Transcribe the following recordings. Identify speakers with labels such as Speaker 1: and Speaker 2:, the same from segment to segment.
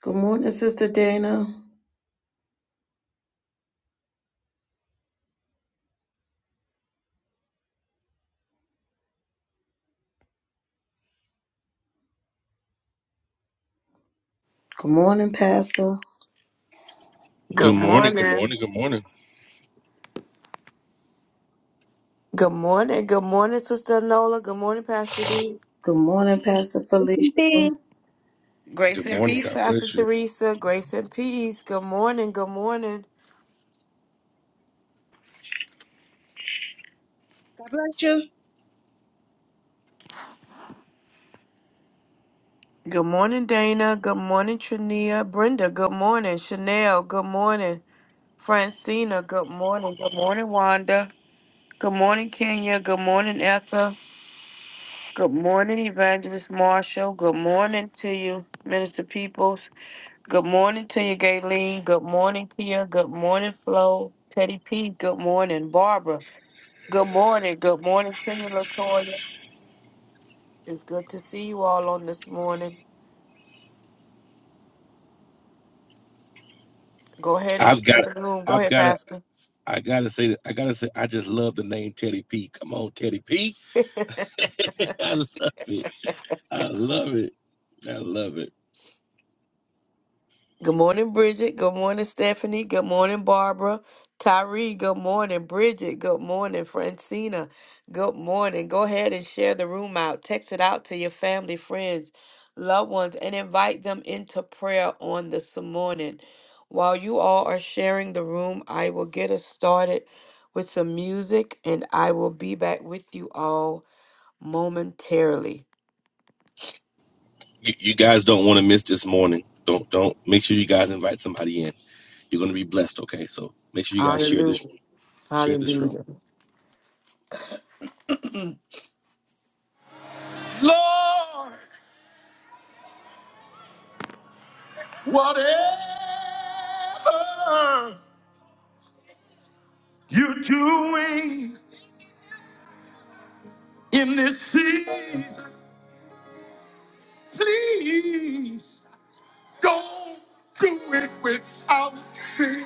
Speaker 1: Good morning, Sister Dana. Good morning, Pastor.
Speaker 2: Good
Speaker 3: Good
Speaker 2: morning, good
Speaker 3: morning.
Speaker 2: morning, good morning,
Speaker 3: Good morning. Good morning, Sister Nola. Good morning, Pastor D.
Speaker 1: Good morning, Pastor Felicia.
Speaker 4: Thanks.
Speaker 2: good
Speaker 3: Grace and
Speaker 2: morning.
Speaker 3: peace,
Speaker 2: God
Speaker 3: Pastor
Speaker 2: bless you.
Speaker 3: Teresa. Grace and peace. Good morning. Good morning.
Speaker 4: God bless you.
Speaker 3: Good morning, Dana. Good morning, Trania. Brenda, good morning. Chanel, good morning. Francina, good morning. Good morning, Wanda. Good morning, Kenya. Good morning, Etha. Good morning, Evangelist Marshall. Good morning to you, Minister Peoples. Good morning to you, Gayleen. Good morning, Kia. Good morning, Flo. Teddy P. Good morning, Barbara. Good morning. Good morning to you, Latoya. It's good to see you all on this morning. Go ahead and
Speaker 2: I've
Speaker 3: share
Speaker 2: got,
Speaker 3: the room. Go
Speaker 2: I've
Speaker 3: ahead,
Speaker 2: got to,
Speaker 3: Pastor.
Speaker 2: I gotta say, that- I gotta say, I just love the name Teddy P. Come on, Teddy P. I love it. I love it. I love it.
Speaker 3: Good morning, Bridget. Good morning, Stephanie. Good morning, Barbara. Tyree, good morning. Bridget, good morning. Francina, good morning. Go ahead and share the room out. Text it out to your family, friends, loved ones, and invite them into prayer on this morning. While you all are sharing the room, I will get us started with some music and I will be back with you all momentarily.
Speaker 2: You, you guys don't want to miss this morning. Don't, don't. Make sure you guys invite somebody in. You're gonna be blessed. Okay, so make sure you guys share
Speaker 3: Hallelujah.
Speaker 2: this room. Share this room.
Speaker 3: Hallelujah. Lord, whatever. You're doing in this season. Please don't do it without me.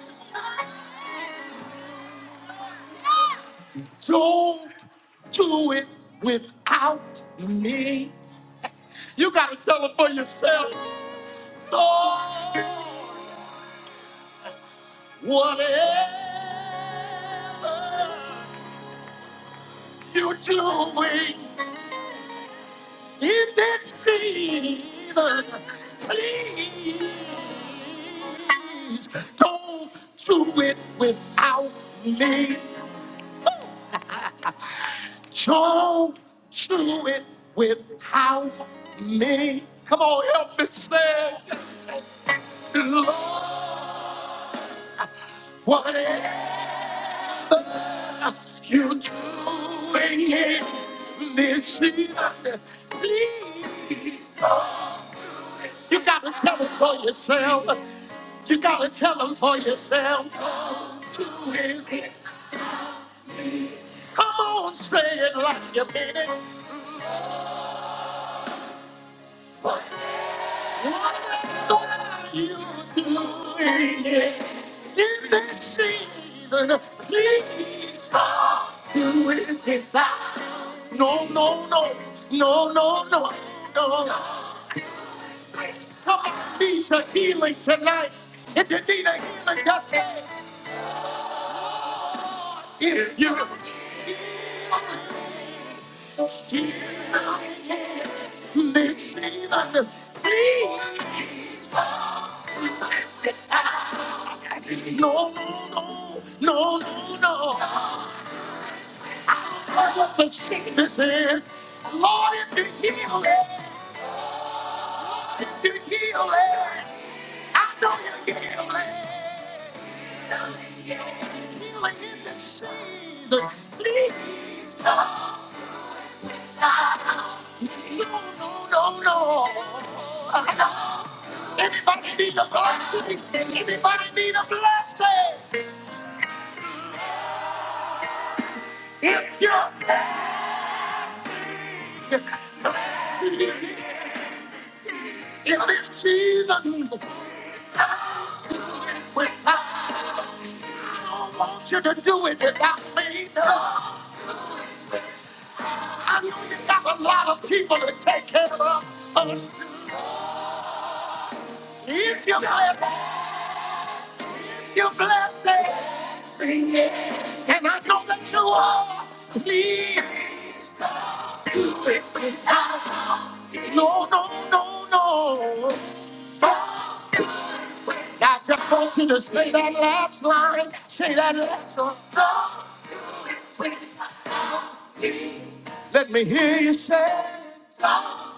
Speaker 3: Don't do it without me. You gotta tell it for yourself. Lord, whatever you're doing. In this season, please don't do it without me. Don't do it without me. Come on, help me say, Lord, whatever you're doing in this season, please. You gotta tell them for yourself. You gotta tell them for yourself. Come to it. Come on, say it like you mean it. What are you doing it? in this season? Please stop doing it now. No, no, no, no, no, no, no. Somebody needs a healing tonight. If you need a healing, just say. it. If you listen, please. No, no, no, no, no. What the sickness is, Lord, if you heal it, if you heal it, I know you heal it. Healing in the season, please. No, no, no, no. Anybody need a blessing? Anybody need a blessing? If you're in this season, I don't want you to do it without me. I know you got a lot of people to take care of. If you're blessed, your blessing. And I know that you are me. Do it without. No, no, no, no. God, I just want you to say that last line. Say that last line. God, Let me hear you say, God,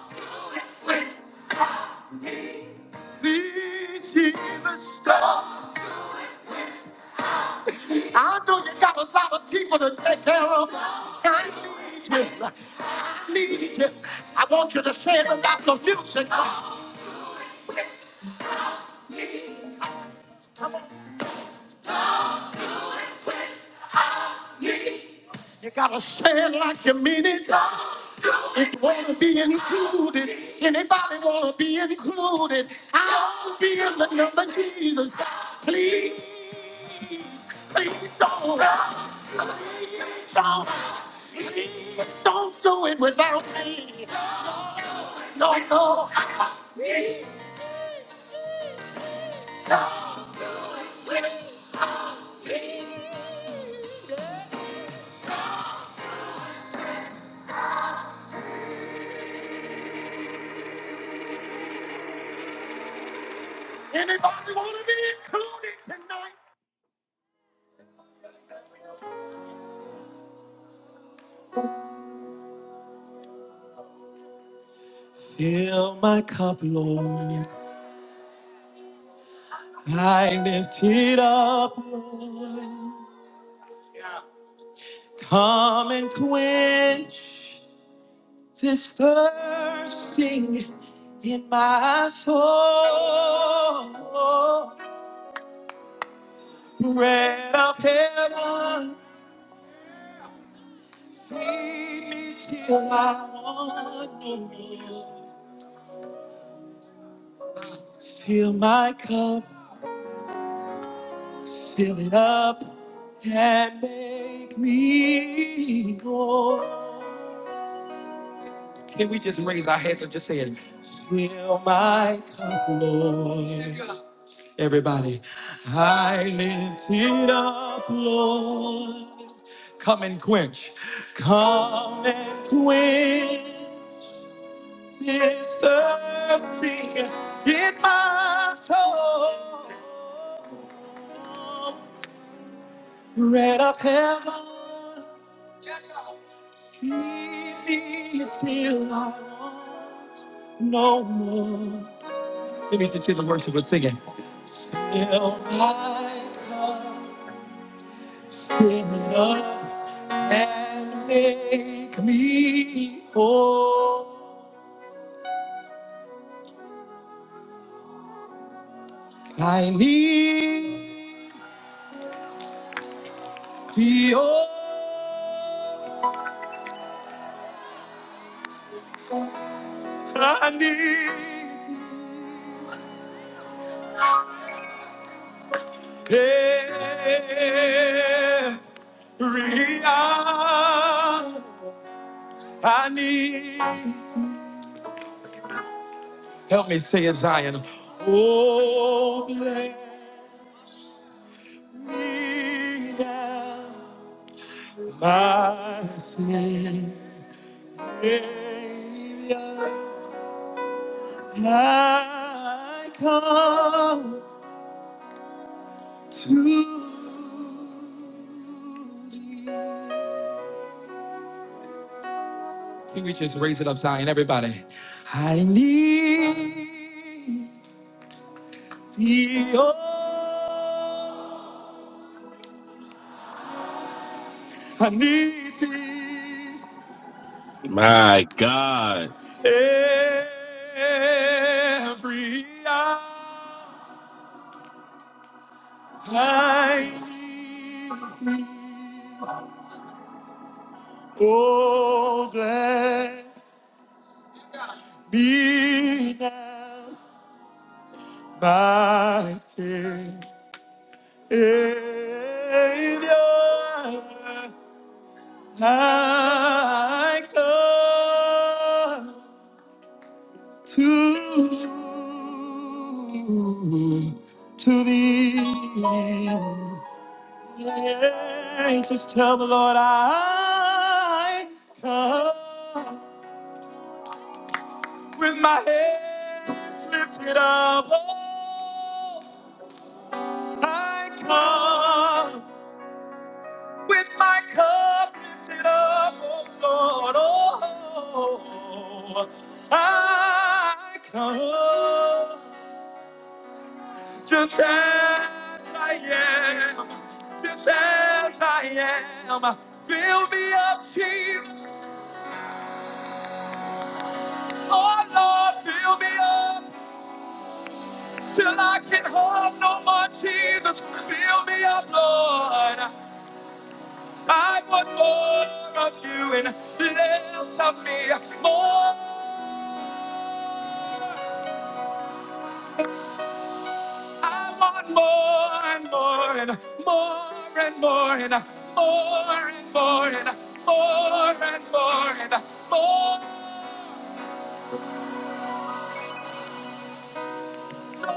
Speaker 3: please, Jesus. stop. I know you got a lot of people to take care of. I need you. I need you. I want you to say it about the music. You gotta say it like you mean it. If you wanna be included, anybody wanna be included, I'll be in the number Jesus. Please, please don't, please don't, please don't do it without me. No, no. Anybody want to be included tonight? Fill my cup, Lord. I lift it up, Lord. Come and quench this thirsting in my soul. Bread of heaven, feed me till I want no more. Fill my cup. Fill it up and make me whole. Can we just raise our hands and just say it? Fill my cup, Lord. Everybody, I lift it up, Lord. Come and quench. Come and quench this thirsting in my soul. Bread of heaven, feed me until I want no more. Maybe you can see the worship we're singing. Fill my cup, fill it up, and make me whole. I need thee, oh, I need thee. Period. I need. Help me say it, Zion. Oh, bless me now, my Savior. I come to thee. Can we just raise it up, Zion, everybody? I need. I need thee
Speaker 2: My God.
Speaker 3: every hour. I need thee. Oh, bless me now, my Savior. I come to, to thee. Yeah, just tell the Lord I come with my hands lifted up. Oh, I come with my cup lifted up, oh Lord. Oh, oh, oh. I come. just as I am, just as I am. Fill me up, Jesus. Oh Lord, fill me up till I can hold no more, Jesus. Fill me up, Lord. I want more of you and less of me. More, I want more and more and more and more and more and more and more and more and more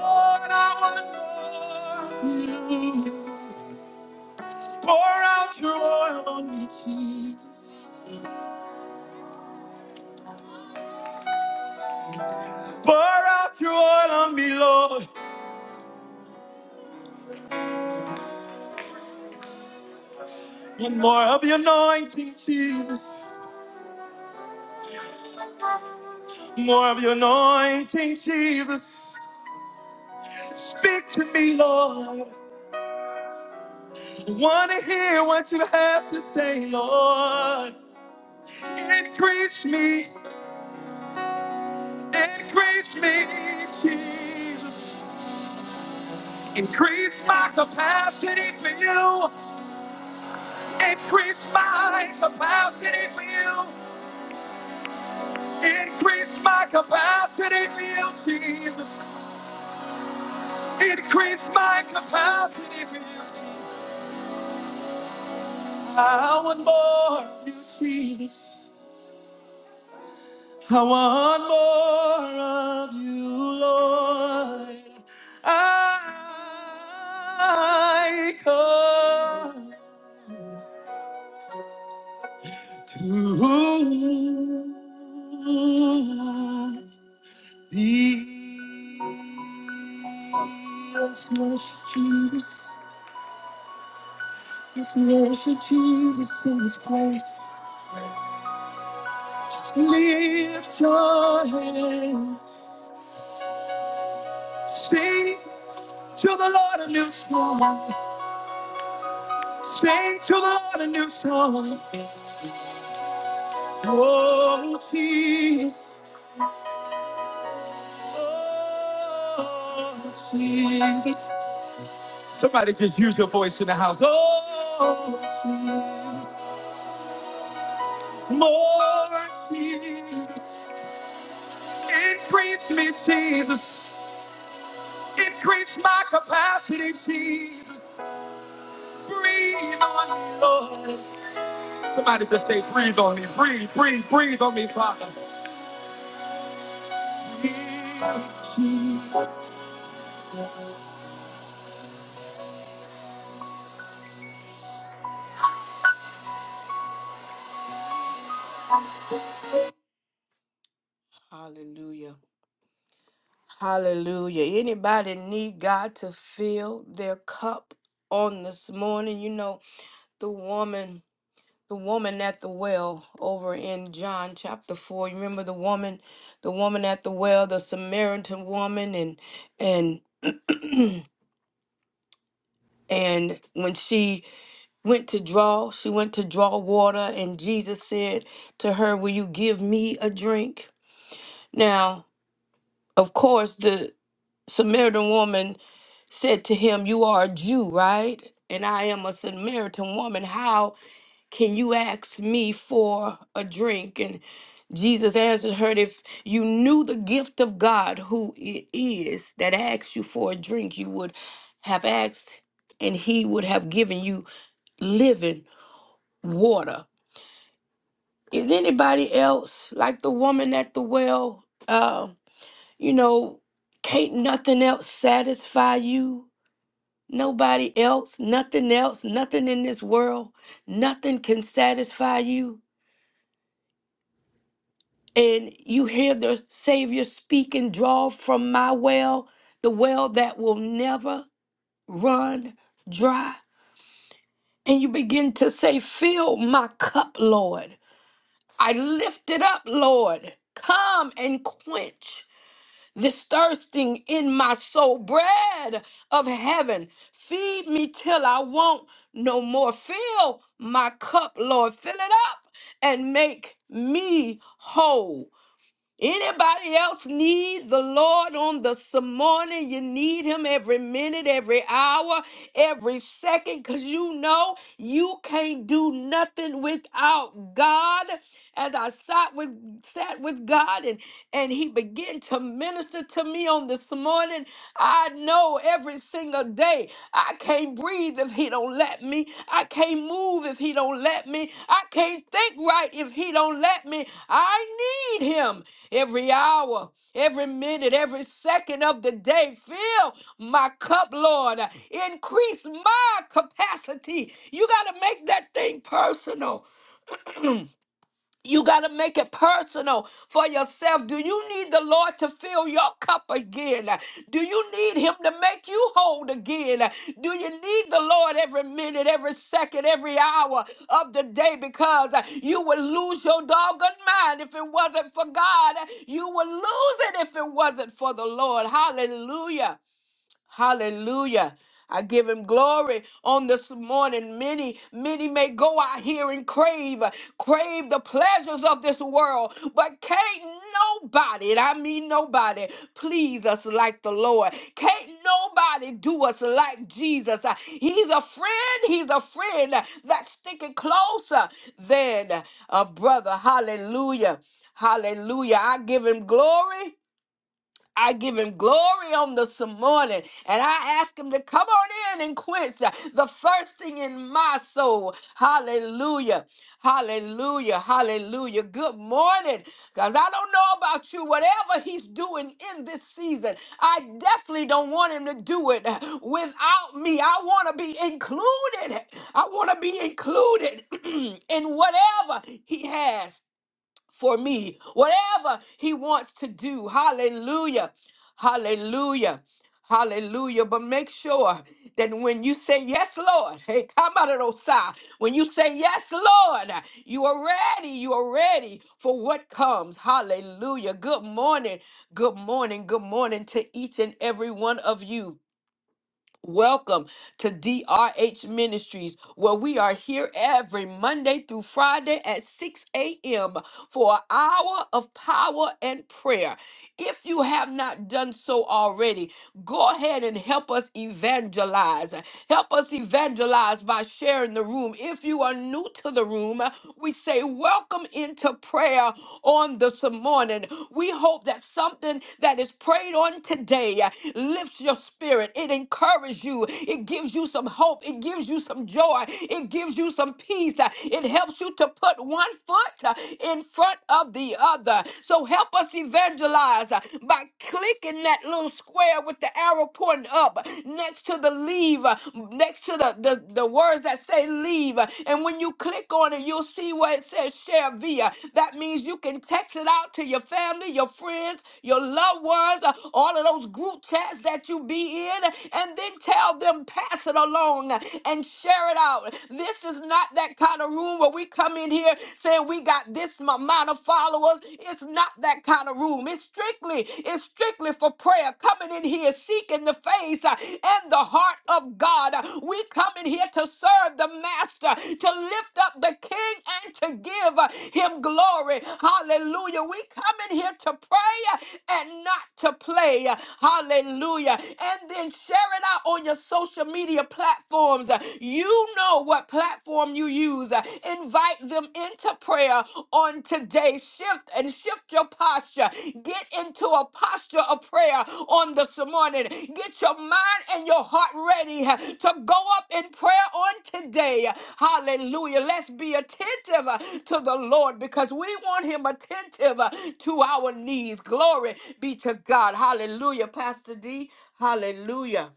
Speaker 3: Lord, I want more of you. Pour out your oil on me, Jesus. Pour out your oil on me, Lord. And more of your anointing, Jesus. More of your anointing, Jesus. Speak to me, Lord. I want to hear what you have to say, Lord. Increase me, increase me, Jesus. Increase my capacity for you. Increase my capacity, for You. Increase my capacity, for You, Jesus. Increase my capacity, for You. I want more of you, Jesus. I want more of you, Lord. I come to thee. Yes, Lord Jesus. Just worship Jesus in this place. Lift your hands. Sing to the Lord a new song. Sing to the Lord a new song. Oh, Jesus. Oh, Jesus. Somebody just use your voice in the house. Oh, Jesus. More Jesus. Increase me, Jesus. Increase my capacity, Jesus. Breathe on me, Lord. Somebody just say, breathe on me. Breathe, breathe, breathe on me, Father. Hallelujah. Hallelujah. Anybody need God to fill their cup on this morning? You know, the woman the woman at the well over in John chapter 4 you remember the woman the woman at the well the Samaritan woman and and And when she went to draw, she went to draw water, and Jesus said to her, Will you give me a drink? Now, of course, the Samaritan woman said to him, You are a Jew, right? And I am a Samaritan woman. How can you ask me for a drink? And Jesus answered her, If you knew the gift of God, who it is that asks you for a drink, you would have asked, and he would have given you living water. Is anybody else like the woman at the well? Uh, you know, can't nothing else satisfy you? Nobody else, nothing else, nothing in this world, nothing can satisfy you. And you hear the Savior speak and draw from my well, the well that will never run dry. And you begin to say, Fill my cup, Lord. I lift it up, Lord. Come and quench. this thirsting in my soul. Bread of heaven, feed me till I want no more. Fill my cup, Lord. Fill it up and make me whole. Anybody else need the Lord on this morning? You need him every minute, every hour, every second, because you know you can't do nothing without God. As I sat with sat with God and, and he began to minister to me on this morning, I know every single single day. I can't breathe if he don't let me. I can't move if he don't let me. I can't think right if he don't let me. I need him every hour, every minute, every second of the day. Fill my cup, Lord. Increase my capacity. You got to make that thing personal. You got to make it personal for yourself. Do you need the Lord to fill your cup again? Do you need Him to make you whole again? Do you need the Lord every minute, every second, every hour of the day? Because you would lose your doggone mind if it wasn't for God. You would lose it if it wasn't for the Lord. Hallelujah. Hallelujah. I give him glory on this morning. Many, many may go out here and crave, crave the pleasures of this world, but can't nobody, and I mean nobody, please us like the Lord. Can't nobody do us like Jesus. Uh, He's a friend, he's a friend uh, that's sticking closer than a brother. Hallelujah. Hallelujah. I give him glory. I give him glory on this morning. And I ask him to come on in and quench uh, the thirsting in my soul. Hallelujah. Hallelujah. Hallelujah. Good morning. Because I don't know about you. Whatever he's doing in this season, I definitely don't want him to do it uh, without me. I want to be included. I want to be included in whatever he has for me, whatever he wants to do. Hallelujah. Hallelujah. Hallelujah. But make sure that when you say yes, Lord, hey, come out of those side. When you say yes, Lord, you are ready. You are ready for what comes. Hallelujah. Good morning. Good morning. Good morning to each and every one of you. Welcome to DRH Ministries, where we are here every Monday through Friday at 6 a.m. for an hour of power and prayer. If you have not done so already, go ahead and help us evangelize. Help us evangelize by sharing the room. If you are new to the room, we say welcome into prayer on this morning. We hope that something that is prayed on today lifts your spirit. It encourages encourage you. It gives you some hope. It gives you some joy. It gives you some peace. Uh, It helps you to put one foot uh, in front of the other. So help us evangelize uh, by clicking that little square with the arrow pointing up next to the leave, uh, next to the, the, the words that say leave. And when you click on it, you'll see where it says share via. That means you can text it out to your family, your friends, your loved ones, uh, all of those group chats that you be in. And and then tell them, pass it along and share it out. This is not that kind of room where we come in here saying we got this amount of followers. It's not that kind of room. It's strictly, it's strictly for prayer. Coming in here seeking the face uh, and the heart of God. Uh, We come in here to serve the Master, to lift up the King and to give uh, him glory. Hallelujah. We come in here to pray uh, and not to play. Hallelujah. And then share it it out on your social media platforms. Uh, You know what platform you use. Uh, Invite them into prayer on today. Shift and shift your posture. Get into a posture of prayer on this morning. Get your mind and your heart ready uh, to go up in prayer on today. Hallelujah. Let's be attentive uh, to the Lord because we want Him attentive uh, to our needs. Glory be to God. Hallelujah. Pastor D. Hallelujah.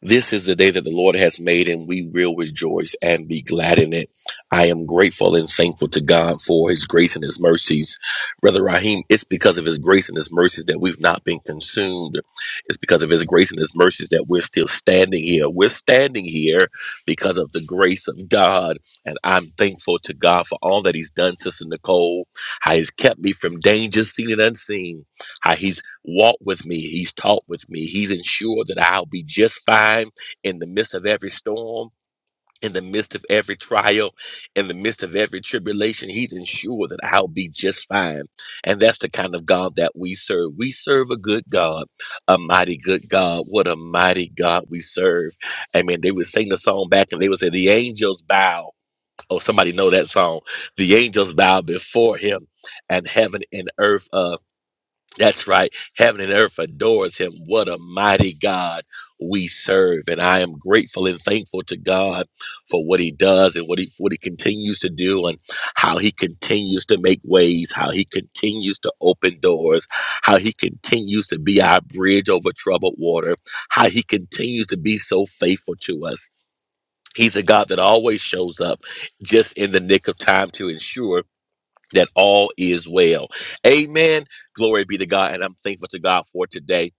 Speaker 2: This is the day that the Lord has made, and we will rejoice and be glad in it. I am grateful and thankful to God for His grace and His mercies. Brother Raheem, it's because of His grace and His mercies that we've not been consumed. It's because of His grace and His mercies that we're still standing here. We're standing here because of the grace of God. And I'm thankful to God for all that He's done, Sister Nicole, how He's kept me from danger, seen and unseen, how He's walked with me. He's talked with me. He's ensured that I'll be just fine in the midst of every storm, in the midst of every trial, in the midst of every tribulation. He's ensured that I'll be just fine. And that's the kind of God that we serve. We serve a good God, a mighty good God. What a mighty God we serve. I mean, they would sing the song back and they would say, The angels bow. Oh, somebody know that song. The angels bow before him and heaven and earth. uh, that's right. Heaven and earth adores him. What a mighty God we serve. And I am grateful and thankful to God for what he does and what he what he continues to do and how he continues to make ways, how he continues to open doors, how he continues to be our bridge over troubled water, how he continues to be so faithful to us. He's a God that always shows up just in the nick of time to ensure that all is well. Amen. Glory be to God. And I'm thankful to God for today.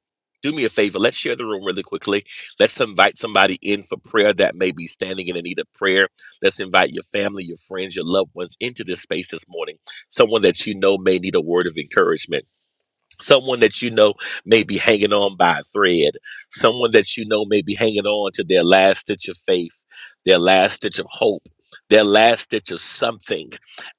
Speaker 2: Do me a favor. Let's share the room really quickly. Let's invite somebody in for prayer that may be standing in the need of prayer. Let's invite your family, your friends, your loved ones into this space this morning. Someone that you know may need a word of encouragement someone that you know may be hanging on by a thread someone that you know may be hanging on to their last stitch of faith their last stitch of hope their last stitch of something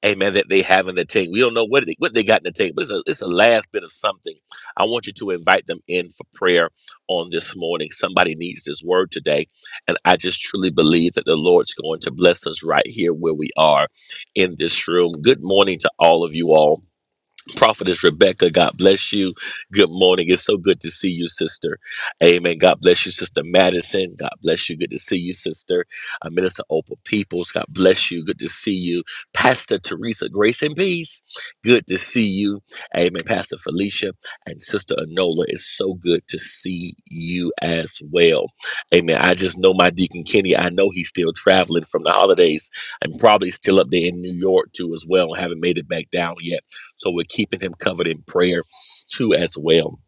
Speaker 2: amen that they have in the tank we don't know what they, what they got in the tank but it's a, it's a last bit of something i want you to invite them in for prayer on this morning somebody needs this word today and i just truly believe that the lord's going to bless us right here where we are in this room good morning to all of you all Prophetess Rebecca, God bless you. Good morning. It's so good to see you, sister. Amen. God bless you, Sister Madison. God bless you. Good to see you, sister. Uh, Minister Opal Peoples. God bless you. Good to see you. Pastor Teresa, grace and peace. Good to see you. Amen. Pastor Felicia and Sister Anola. It's so good to see you as well. Amen. I just know my Deacon Kenny. I know he's still traveling from the holidays and probably still up there in New York too as well. Haven't made it back down yet so we're keeping him covered in prayer too as well.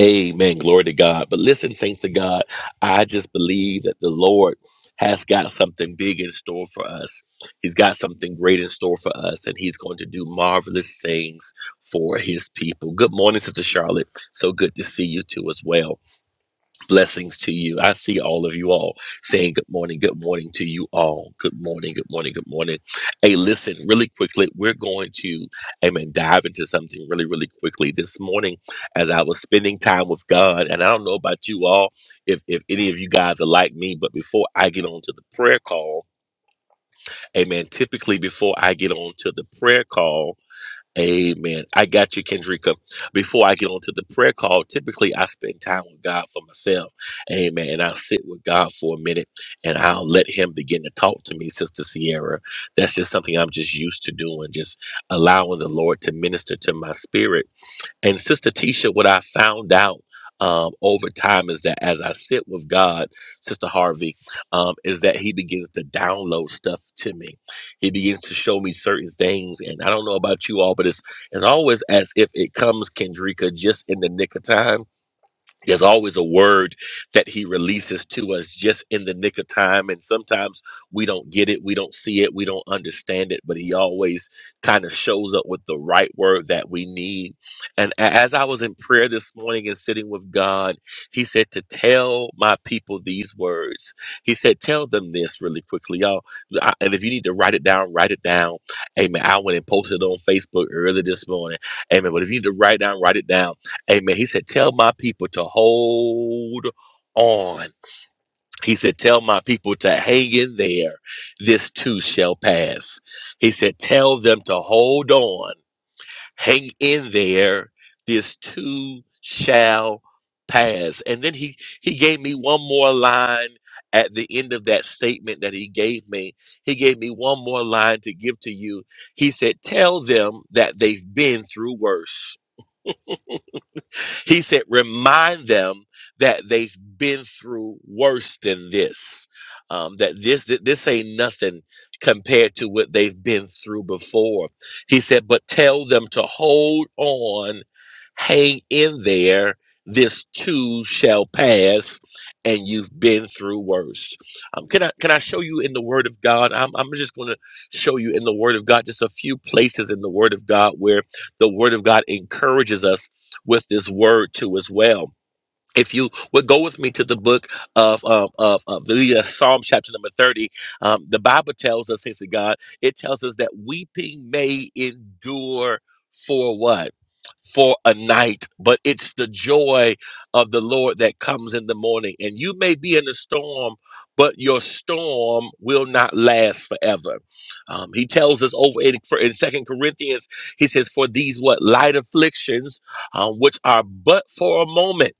Speaker 2: Amen. Glory to God. But listen, saints of God, I just believe that the Lord has got something big in store for us. He's got something great in store for us, and He's going to do marvelous things for His people. Good morning, Sister Charlotte. So good to see you too as well. Blessings to you. I see all of you all saying good morning, good morning to you all. Good morning, good morning, good morning. Hey, listen, really quickly, we're going to, amen, dive into something really, really quickly. This morning, as I was spending time with God, and I don't know about you all, if, if any of you guys are like me, but before I get on to the prayer call, amen, typically before I get on to the prayer call, Amen. I got you, Kendrika. Before I get on to the prayer call, typically I spend time with God for myself. Amen. And I'll sit with God for a minute and I'll let Him begin to talk to me, Sister Sierra. That's just something I'm just used to doing, just allowing the Lord to minister to my spirit and Sister Tisha, what I found out um, over time is that as I sit with God, Sister Harvey, um, is that He begins to download stuff to me. He begins to show me certain things, and I don't know about you all, but it's it's always as if it comes, Kendrika, just in the nick of time there's always a word that he releases to us just in the nick of time. And sometimes we don't get it, we don't see it, we don't understand it, but he always kind of shows up with the right word that we need. And a- as I was in prayer this morning and sitting with God, he said to tell my people these words. He said, Tell them this really quickly, y'all. I- And if you need to write it down, write it down. Amen. I went and posted it on Facebook early this morning. Amen. But if you need to write it down, write it down Amen. He said, Tell my people to hold on. He said, Tell my people to hang in there. This too shall pass. He said, Tell them to hold on. Hang in there. This too shall pass. And then he, he gave me one more line at the end of that statement that he gave me. He gave me one more line to give to you. He said, Tell them that they've been through worse. He said, remind them that they've been through worse than this. Um, that this that this ain't nothing compared to what they've been through before. He said, but tell them to hold on, hang in there. This too shall pass, and you've been through worse. Um, can I can I show you in the Word of God? I'm I'm just going to show you in the Word of God just a few places in the Word of God where the Word of God encourages us with this word too as well if you would go with me to the book of um, of, of the uh, Psalm chapter number thirty, um, the Bible tells us, saints of God, it tells us that weeping may endure for what. For a night, but it's the joy of the Lord that comes in the morning. And you may be in a storm, but your storm will not last forever. Um, he tells us over in, for, in Second Corinthians, he says, "For these what light afflictions, um, which are but for a moment."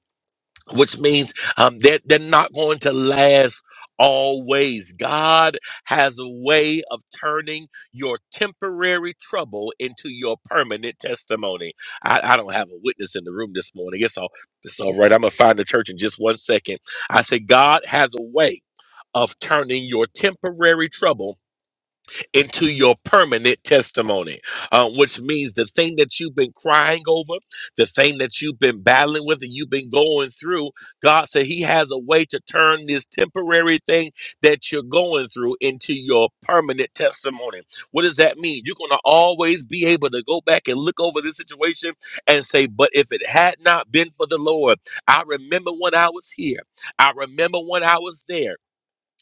Speaker 2: which means um, they're, they're not going to last always. God has a way of turning your temporary trouble into your permanent testimony. I, I don't have a witness in the room this morning. It's all, it's all right. I'm going to find the church in just one second. I say, God has a way of turning your temporary trouble into your permanent testimony, uh, which means the thing that you've been crying over, the thing that you've been battling with, and you've been going through. God said He has a way to turn this temporary thing that you're going through into your permanent testimony. What does that mean? You're going to always be able to go back and look over this situation and say, But if it had not been for the Lord, I remember when I was here, I remember when I was there.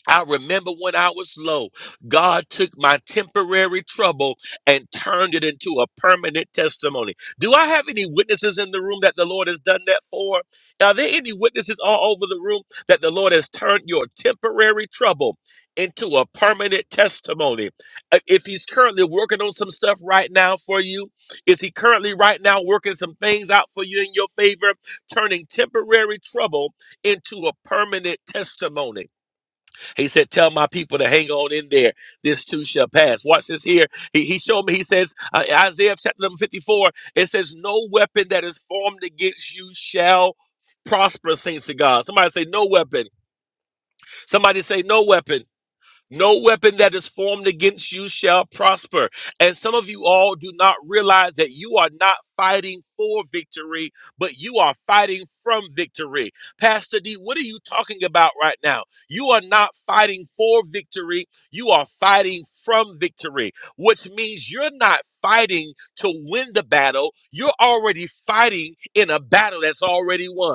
Speaker 2: I remember when I was low, God took my temporary trouble and turned it into a permanent testimony. Do I have any witnesses in the room that the Lord has done that for? Are there any witnesses all over the room that the Lord has turned your temporary trouble into a permanent testimony? Uh, If He's currently working on some stuff right now for you, is He currently right now working some things out for you in your favor, turning temporary trouble into a permanent testimony? He said, Tell my people to hang on in there. This too shall pass. Watch this here. He, he showed me, he says, uh, Isaiah chapter number 54, it says, No weapon that is formed against you shall prosper, saints to God. Somebody say, No weapon. Somebody say, No weapon. No weapon that is formed against you shall prosper. And some of you all do not realize that you are not fighting for victory, but you are fighting from victory. Pastor D, what are you talking about right now? You are not fighting for victory, you are fighting from victory, which means you're not fighting to win the battle. You're already fighting in a battle that's already won.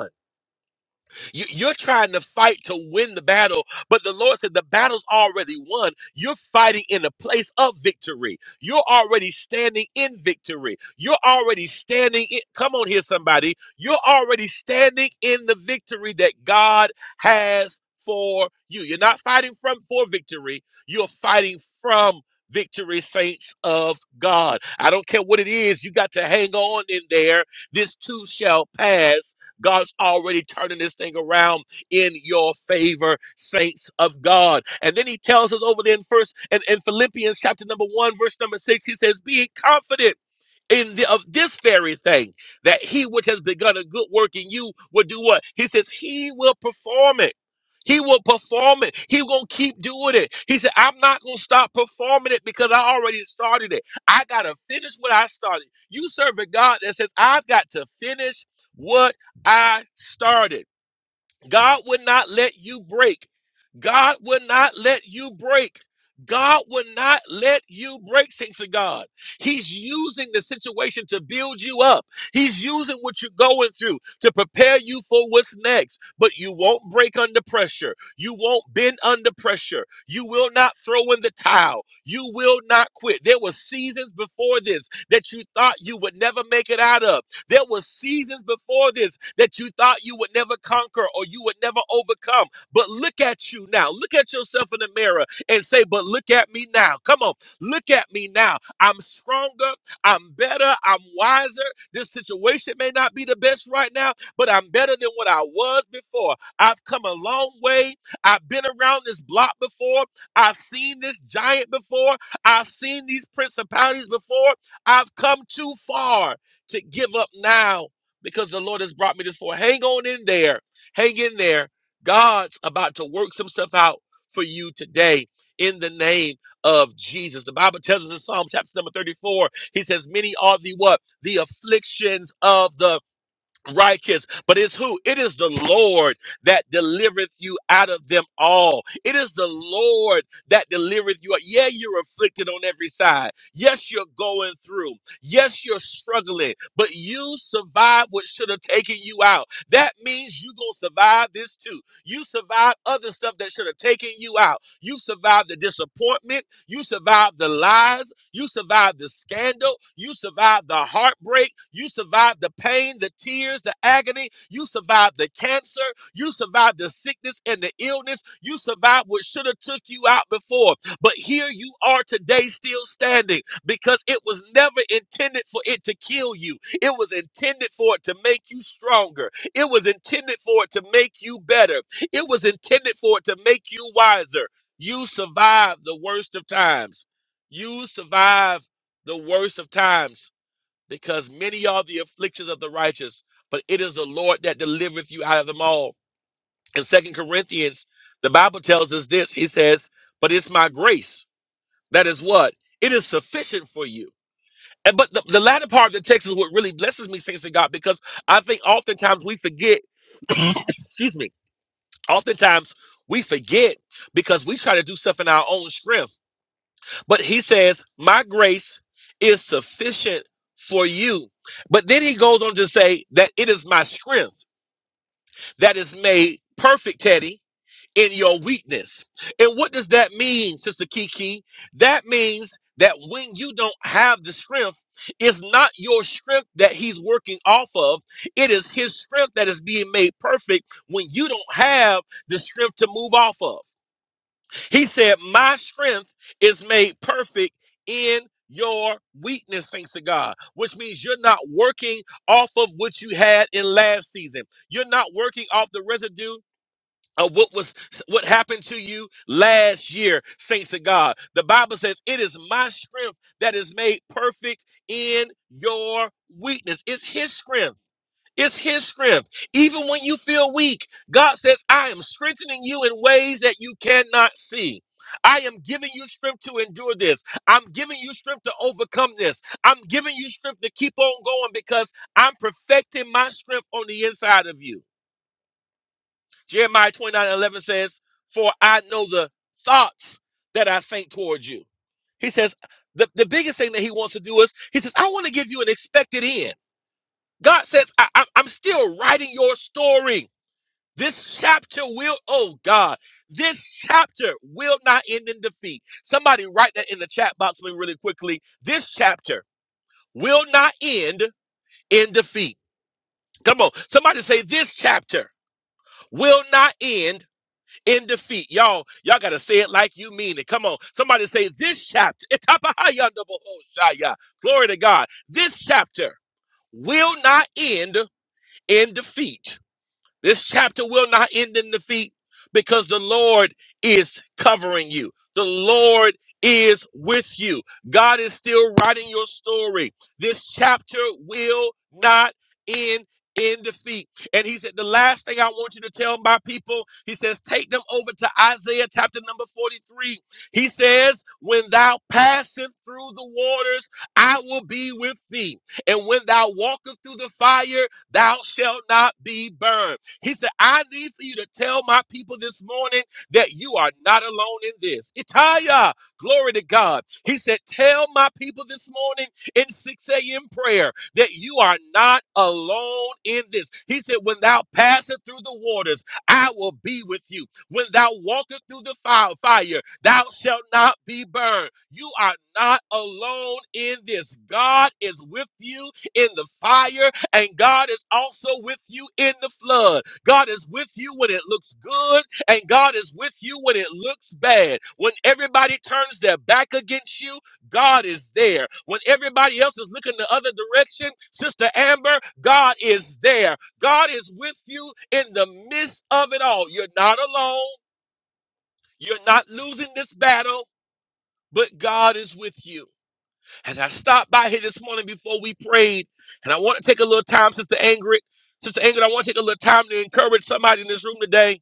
Speaker 2: You, you're trying to fight to win the battle, but the Lord said the battle's already won. You're fighting in a place of victory. You're already standing in victory. You're already standing in. Come on here, somebody. You're already standing in the victory that God has for you. You're not fighting from for victory. You're fighting from victory, saints of God. I don't care what it is. You got to hang on in there. This too shall pass God's already turning this thing around in your favor, saints of God. And then he tells us over there in first and in Philippians chapter number one, verse number six, he says, Being confident in the, of this very thing that he which has begun a good work in you will do what he says he will perform it he will perform it he gonna keep doing it he said i'm not gonna stop performing it because i already started it i gotta finish what i started you serve a god that says i've got to finish what i started God would not let you break. God would not let you break. God would not let you break, saints of God. He's using the situation to build you up. He's using what you're going through to prepare you for what's next. But you won't break under pressure. You won't bend under pressure. You will not throw in the towel. You will not quit. There were seasons before this that you thought you would never make it out of. There were seasons before this that you thought you would never conquer or you would never overcome. But look at you now. Look at yourself in the mirror and say, But look at me now. Come on, look at me now. I'm stronger. I'm better. I'm wiser. This situation may not be the best right now, but I'm better than what I was before. I've come a long way. I've been around this block before. I've seen this giant before. I've seen these principalities before. I've come too far to give up now because the Lord has brought me this far. Hang on in there. Hang in there. God's about to work some stuff out for you today in the name of Jesus. The Bible tells us in Psalm chapter number 34, he says, Many are the what? The afflictions of the righteous. But it's who? It is the Lord that delivereth you out of them all. It is the Lord that delivereth you. Yeah, you're afflicted on every side. Yes, you're going through. Yes, you're struggling, but you survived what should have taken you out. That means you gonna survive this too. You survived other stuff that should have taken you out. You survived the disappointment. You survived the lies. You survived the scandal. You survived the heartbreak. You survived the pain, the tears, the agony. You survived the cancer. You survived the sickness and the illness. You survived what should have took you out before. But here you are today still standing because it was never intended for it to kill you. It was intended for it to make you stronger. It was intended for it to make you better. It was intended for it to make you wiser. You survive the worst of times. You survive the worst of times because many are the afflictions of the righteous, but it is the Lord that delivereth you out of them all. In Second Corinthians, the Bible tells us this. He says, But it's my grace. That is what? It is sufficient for you. And but the, the latter part of the text is what really blesses me, saints of God, because I think oftentimes we forget, excuse me, oftentimes we forget because we try to do stuff in our own strength. But he says, My grace is sufficient for you. But then he goes on to say that it is my strength that is made perfect, Teddy, in your weakness. And what does that mean, Sister Kiki? That means that when you don't have the strength, it's not your strength that he's working off of. It is his strength that is being made perfect when you don't have the strength to move off of. He said, My strength is made perfect in your weakness, thanks to God, which means you're not working off of what you had in last season. You're not working off the residue of what was what happened to you last year saints of god the bible says it is my strength that is made perfect in your weakness it's his strength it's his strength even when you feel weak god says i am strengthening you in ways that you cannot see I am giving you strength to endure this. I'm giving you strength to overcome this. I'm giving you strength to keep on going because I'm perfecting my strength on the inside of you. Jeremiah 29 11 says, For I know the thoughts that I think towards you. He says, the, the biggest thing that he wants to do is, he says, I want to give you an expected end. God says, I, I- I'm still writing your story. This chapter will, oh God, this chapter will not end in defeat. Somebody write that in the chat box for me really quickly. This chapter will not end in defeat. Come on. Somebody say, This chapter will not end in defeat. Y'all, y'all gotta say it like you mean it. Come on. Somebody say this chapter. Glory to God. This chapter will not end in defeat. This chapter will not end in defeat because the Lord is covering you. The Lord is with you. God is still writing your story. This chapter will not end in defeat. And he said, The last thing I want you to tell my people, he says, take them over to Isaiah chapter number 43. He says, When thou passest through the waters, I will be with thee. And when thou walkest through the fire, thou shalt not be burned. He said, I need for you to tell my people this morning that you are not alone in this. Itaya, glory to God. He said, Tell my people this morning in 6 a.m. prayer that you are not alone in this. He said, When thou passest through the waters, I will be with you. When thou walkest through the fi- fire, thou shalt not be burned. You are not alone in this. God is with you in the fire, and God is also with you in the flood. God is with you when it looks good, and God is with you when it looks bad. When everybody turns their back against you, God is there. When everybody else is looking the other direction, Sister Amber, God is there. God is with you in the midst of it all. You're not alone. You're not losing this battle, but God is with you. And I stopped by here this morning before we prayed, and I want to take a little time, Sister Angry. Sister Ingrid, I want to take a little time to encourage somebody in this room today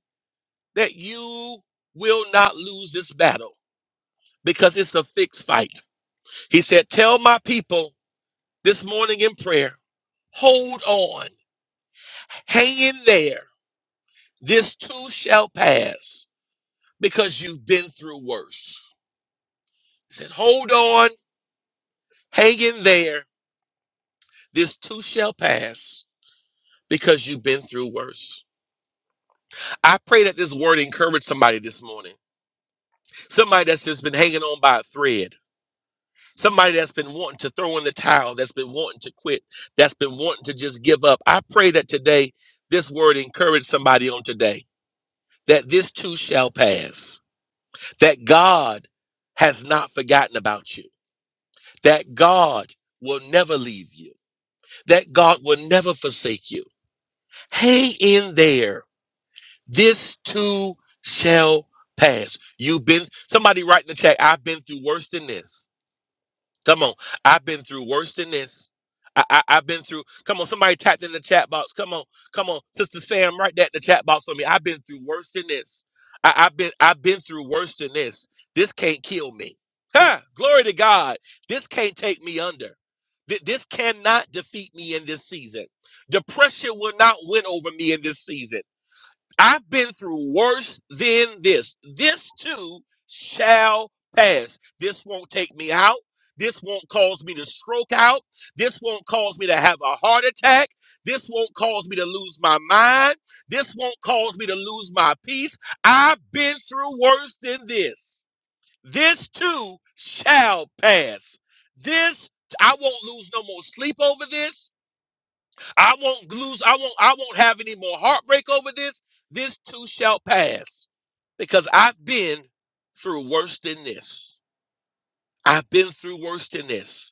Speaker 2: that you will not lose this battle because it's a fixed fight. He said, Tell my people this morning in prayer, hold on, hang in there. This too shall pass because you've been through worse. He said, Hold on, hang in there. This too shall pass because you've been through worse. I pray that this word encouraged somebody this morning, somebody that's just been hanging on by a thread Somebody that's been wanting to throw in the towel, that's been wanting to quit, that's been wanting to just give up. I pray that today this word encourage somebody on today that this too shall pass, that God has not forgotten about you, that God will never leave you, that God will never forsake you. Hang in there. This too shall pass. You've been, somebody write in the chat, I've been through worse than this. Come on. I've been through worse than this. I, I, I've been through. Come on, somebody tapped in the chat box. Come on, come on, Sister Sam, write that in the chat box for me. I've been through worse than this. I, I've been I've been through worse than this. This can't kill me. Ha! Glory to God. This can't take me under. Th- This cannot defeat me in this season. Depression will not win over me in this season. I've been through worse than this. This too shall pass. This won't take me out. This won't cause me to stroke out. This won't cause me to have a heart attack. This won't cause me to lose my mind. This won't cause me to lose my peace. I've been through worse than this. This too shall pass. This, I won't lose no more sleep over this. I won't lose. I won't. I won't have any more heartbreak over this. This too shall pass, because I've been through worse than this. I've been through worse than this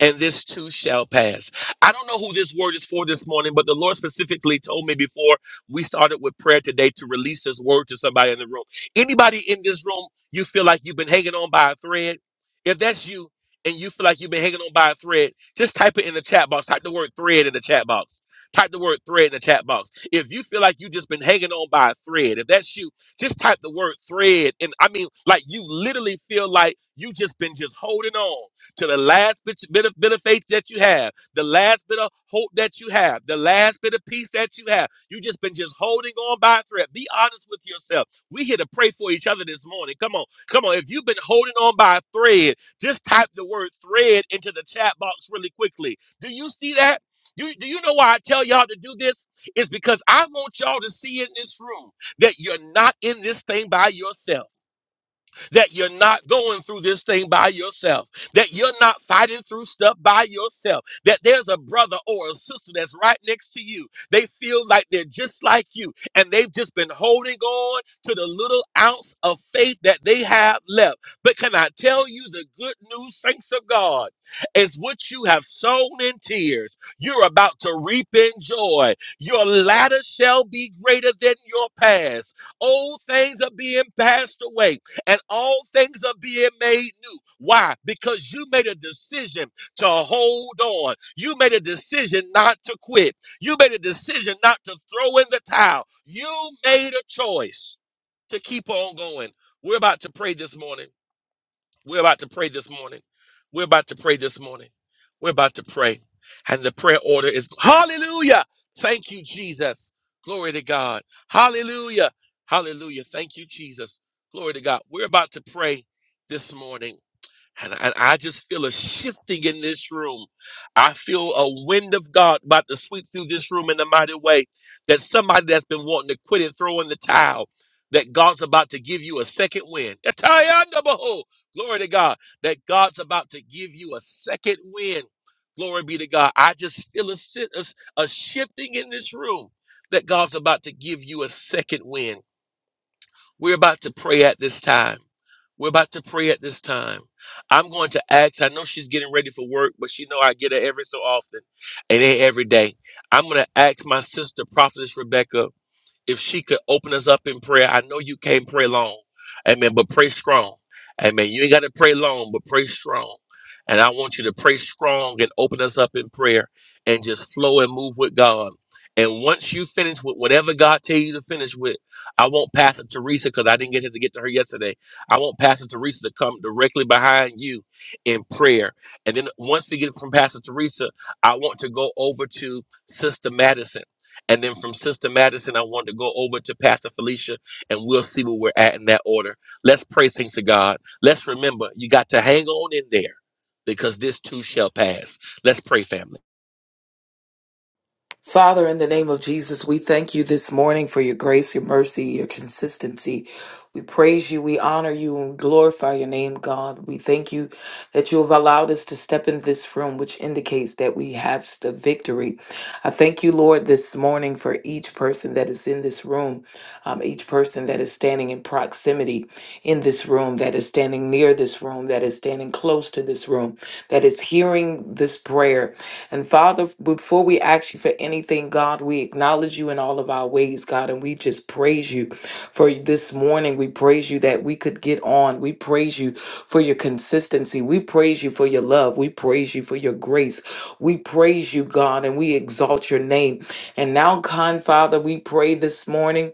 Speaker 2: and this too shall pass. I don't know who this word is for this morning, but the Lord specifically told me before we started with prayer today to release this word to somebody in the room. Anybody in this room, you feel like you've been hanging on by a thread? If that's you and you feel like you've been hanging on by a thread, just type it in the chat box. Type the word thread in the chat box. Type the word thread in the chat box. If you feel like you've just been hanging on by a thread, if that's you, just type the word thread. And I mean, like you literally feel like you just been just holding on to the last bit, bit of bit of faith that you have, the last bit of hope that you have, the last bit of peace that you have. You just been just holding on by a thread. Be honest with yourself. We here to pray for each other this morning. Come on, come on. If you've been holding on by a thread, just type the word thread into the chat box really quickly. Do you see that? You, do you know why I tell y'all to do this? It's because I want y'all to see in this room that you're not in this thing by yourself that you're not going through this thing by yourself, that you're not fighting through stuff by yourself, that there's a brother or a sister that's right next to you. They feel like they're just like you, and they've just been holding on to the little ounce of faith that they have left. But can I tell you the good news, saints of God, is what you have sown in tears, you're about to reap in joy. Your latter shall be greater than your past. Old things are being passed away and all things are being made new. Why? Because you made a decision to hold on. You made a decision not to quit. You made a decision not to throw in the towel. You made a choice to keep on going. We're about to pray this morning. We're about to pray this morning. We're about to pray this morning. We're about to pray. And the prayer order is Hallelujah. Thank you, Jesus. Glory to God. Hallelujah. Hallelujah. Thank you, Jesus. Glory to God. We're about to pray this morning. And I, I just feel a shifting in this room. I feel a wind of God about to sweep through this room in a mighty way. That somebody that's been wanting to quit and throw in the towel, that God's about to give you a second wind. Atayandabaho. Glory to God. That God's about to give you a second wind. Glory be to God. I just feel a, si- a a shifting in this room that God's about to give you a second wind. We're about to pray at this time. We're about to pray at this time. I'm going to ask. I know she's getting ready for work, but she know I get her every so often, and ain't every day. I'm going to ask my sister, Prophetess Rebecca if she could open us up in prayer. I know you can't pray long, amen, but pray strong. Amen. You ain't got to pray long, but pray strong. And I want you to pray strong and open us up in prayer and just flow and move with God. And once you finish with whatever God tell you to finish with, I want Pastor Teresa, because I didn't get his to get to her yesterday. I want Pastor Teresa to come directly behind you in prayer. And then once we get it from Pastor Teresa, I want to go over to Sister Madison. And then from Sister Madison, I want to go over to Pastor Felicia and we'll see where we're at in that order. Let's praise things to God. Let's remember, you got to hang on in there because this too shall pass. Let's pray, family.
Speaker 5: Father, in the name of Jesus, we thank you this morning for your grace, your mercy, your consistency. We praise you, we honor you, and we glorify your name, God. We thank you that you have allowed us to step in this room, which indicates that we have the victory. I thank you, Lord, this morning for each person that is in this room, um, each person that is standing in proximity in this this room, that is standing near this room, that is standing close to this room, that is hearing this prayer. And Father, before we ask you for anything, God, we acknowledge you in all of our ways, God, and we just praise you for this morning. We praise you that we could get on. We praise you for your consistency. We praise you for your love. We praise you for your grace. We praise you, God, and we exalt your name. And now, kind Father, we pray this morning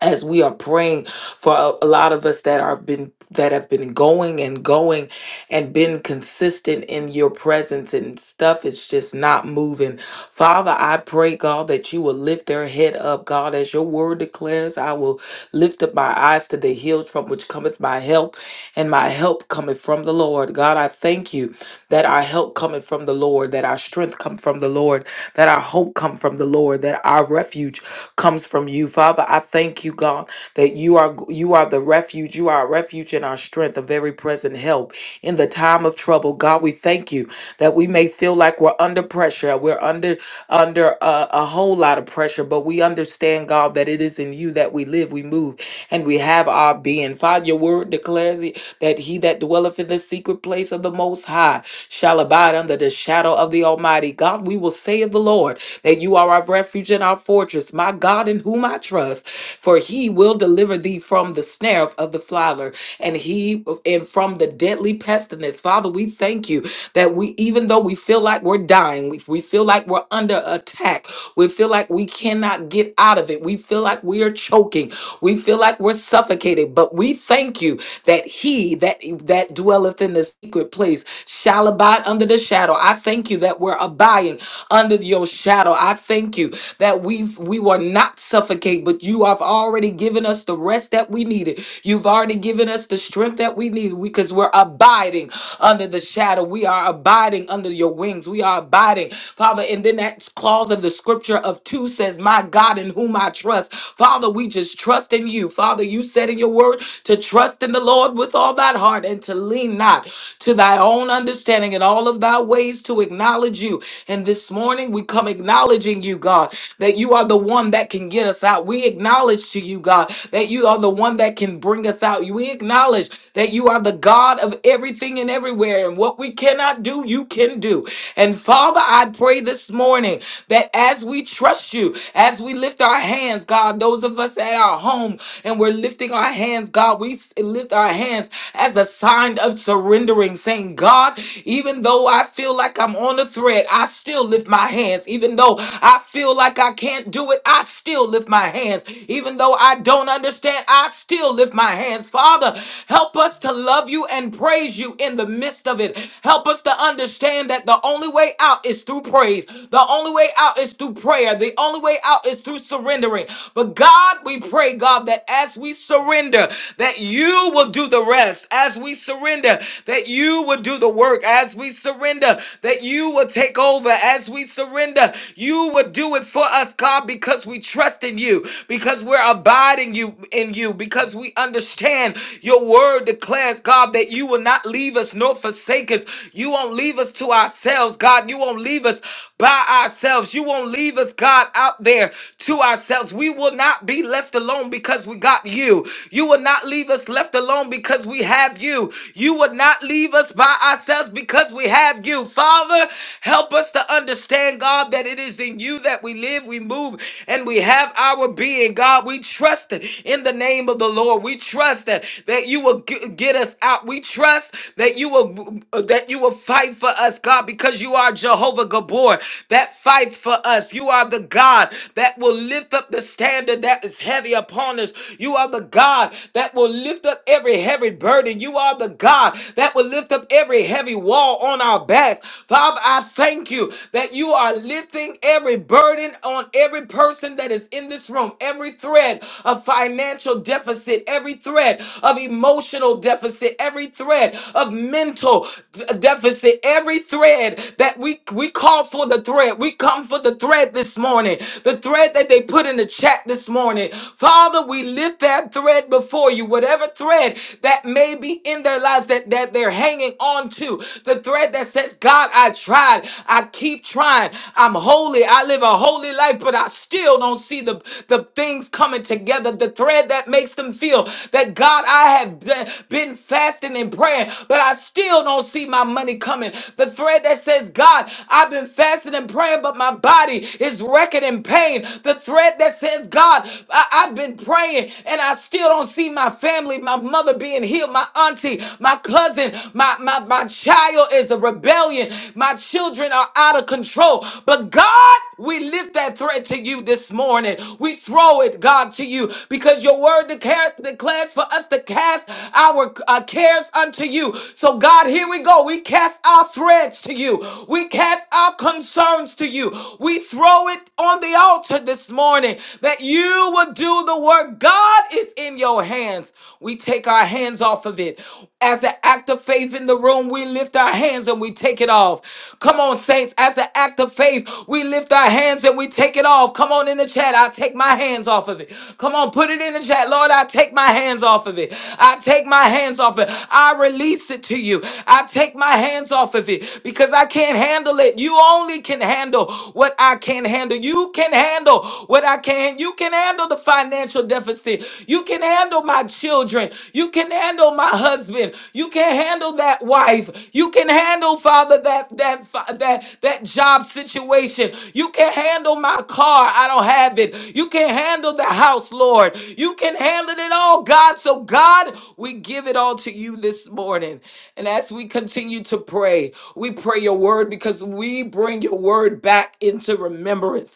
Speaker 5: as we are praying for a, a lot of us that are been that have been going and going and been consistent in your presence and stuff is just not moving father i pray god that you will lift their head up god as your word declares i will lift up my eyes to the hills from which cometh my help and my help cometh from the lord god i thank you that our help cometh from the lord that our strength come from the lord that our hope come from the lord that our refuge comes from you. Father, I thank you, God, that you are you are the refuge. You are a refuge and our strength, a very present help in the time of trouble. God, we thank you that we may feel like we're under pressure. We're under under a, a whole lot of pressure, but we understand, God, that it is in you that we live, we move, and we have our being. Father, your word declares it, that he that dwelleth in the secret place of the Most High shall abide under the shadow of the Almighty. God, we will say of the Lord that you are our refuge and our fortress, my God, in whom I trust, for he will deliver thee from the snare of the fowler and he and from the deadly pestilence. Father, we thank you that we, even though we we feel like we're dying, if we feel like we're under attack, we feel like we cannot get out of it, we feel like we are choking, we feel like we're suffocated, but we thank you that he that that dwelleth in the secret place shall abide under the shadow. I thank you that we're abiding under your shadow. I thank you that we we were not suffocate, but you have already given us the rest that we needed. You've already given us the strength that we needed because we're abiding under the shadow. We are abiding under your wings. We are abiding, Father. And then that clause of the scripture of two says, My God in whom I trust. Father, we just trust in you. Father, you said in your word to trust in the Lord with all thy heart and to lean not to thy own understanding in all of thy ways to acknowledge you. And this morning we come acknowledging you, God, that you are the one that can get us out. We acknowledge to you, God, that you are the one that can bring us out. We acknowledge acknowledge that you are the God of everything and everywhere. And what we cannot do, you can do. And Father, I pray this morning that as we trust you, as we lift our hands, God, those of us at our home and we're lifting our hands, God, we s- lift our hands as a sign of surrendering, saying, God, even though I feel like I'm on a thread, I still lift my hands. Even though I feel like I can't do it, I still lift my hands. Even though I don't understand said, I still lift my hands. Father, help us to love you and praise you in the midst of it. Help us to understand that the only way out is through praise. The only way out is through prayer. The only way out is through surrendering. But God, we pray, God, that as we surrender, that you will do the rest. As we surrender, that you will do the work. As we surrender, that you will take over. As we surrender, you will do it for us, God, because we trust in you in you, because we're abiding you in you, because we understand your word declares, God, that you will not leave us nor forsake us. You won't leave us to ourselves, God. You won't leave us by ourselves. You won't leave us, God, out there to ourselves. We will not be left alone because we got you. You will not leave us left alone because we have you. You will not leave us by ourselves because we have you. Father, help us to understand, God, that it is in you in you that we live, we move, and we have our being. God, we trust in the name of the Lord. We trust that, that you will g- get us out. We trust that you will that you will fight for us, God, because you are Jehovah Gabor that fights for us. You are the God that will lift up the standard that is heavy upon us. You are the God that will lift up every heavy burden. You are the God that will lift up every heavy wall on our backs. Father, I thank you that you are lifting every burden on every person that is in this room, every thread of financial deficit, every thread of emotional deficit, every thread of mental d- deficit, every thread that we we call for the thread. We come for the thread this morning. The thread that they put in the chat this morning. Father, we lift that thread before you. Whatever thread that may be in their lives that that they're hanging on to to. The thread that says, God, I tried. I keep trying. I'm holy. I live a holy life, but I still don't see the, the things coming together. The thread that makes them feel that, God, I have be- been fasting and praying, but I still don't see my money coming. The thread that says, God, I've been fasting and praying, but my body is wrecking in pain. The thread that says, God, I- I've been praying and I still don't see my family, my mother being healed, my auntie, my cousin, my, my, my child is a rebellion. My children are out of control. But God, we lift that threat to you this morning. We throw it, God, to you because your word declare, declares for us to cast our uh, cares unto you. So, God, here we go. We cast our threads to you, we cast our concerns to you. We throw it on the altar this morning that you will do the work. God is in your your hands. We take our hands off of it. As an act of faith in the room, we lift our hands and we take it off. Come on, saints. As an act of faith, we lift our hands and we take it off. Come on in the chat. I take my hands off of it. Come on, put it in the chat. Lord, I take my hands off of it. I take my hands off it. I release it to you. I take my hands off of it because I can't handle it. You only can handle what I can handle. You can handle what I can. You can handle handle the financial deficit. You can handle my children. You can handle my husband. You can handle that wife. You can handle, Father, that that fi- that that job situation. You can handle my car. I don't have it. You can handle the house, Lord. You can handle it all, God. So God, we give it all to you this morning. And as we continue to pray, we pray your word because we bring your word back into remembrance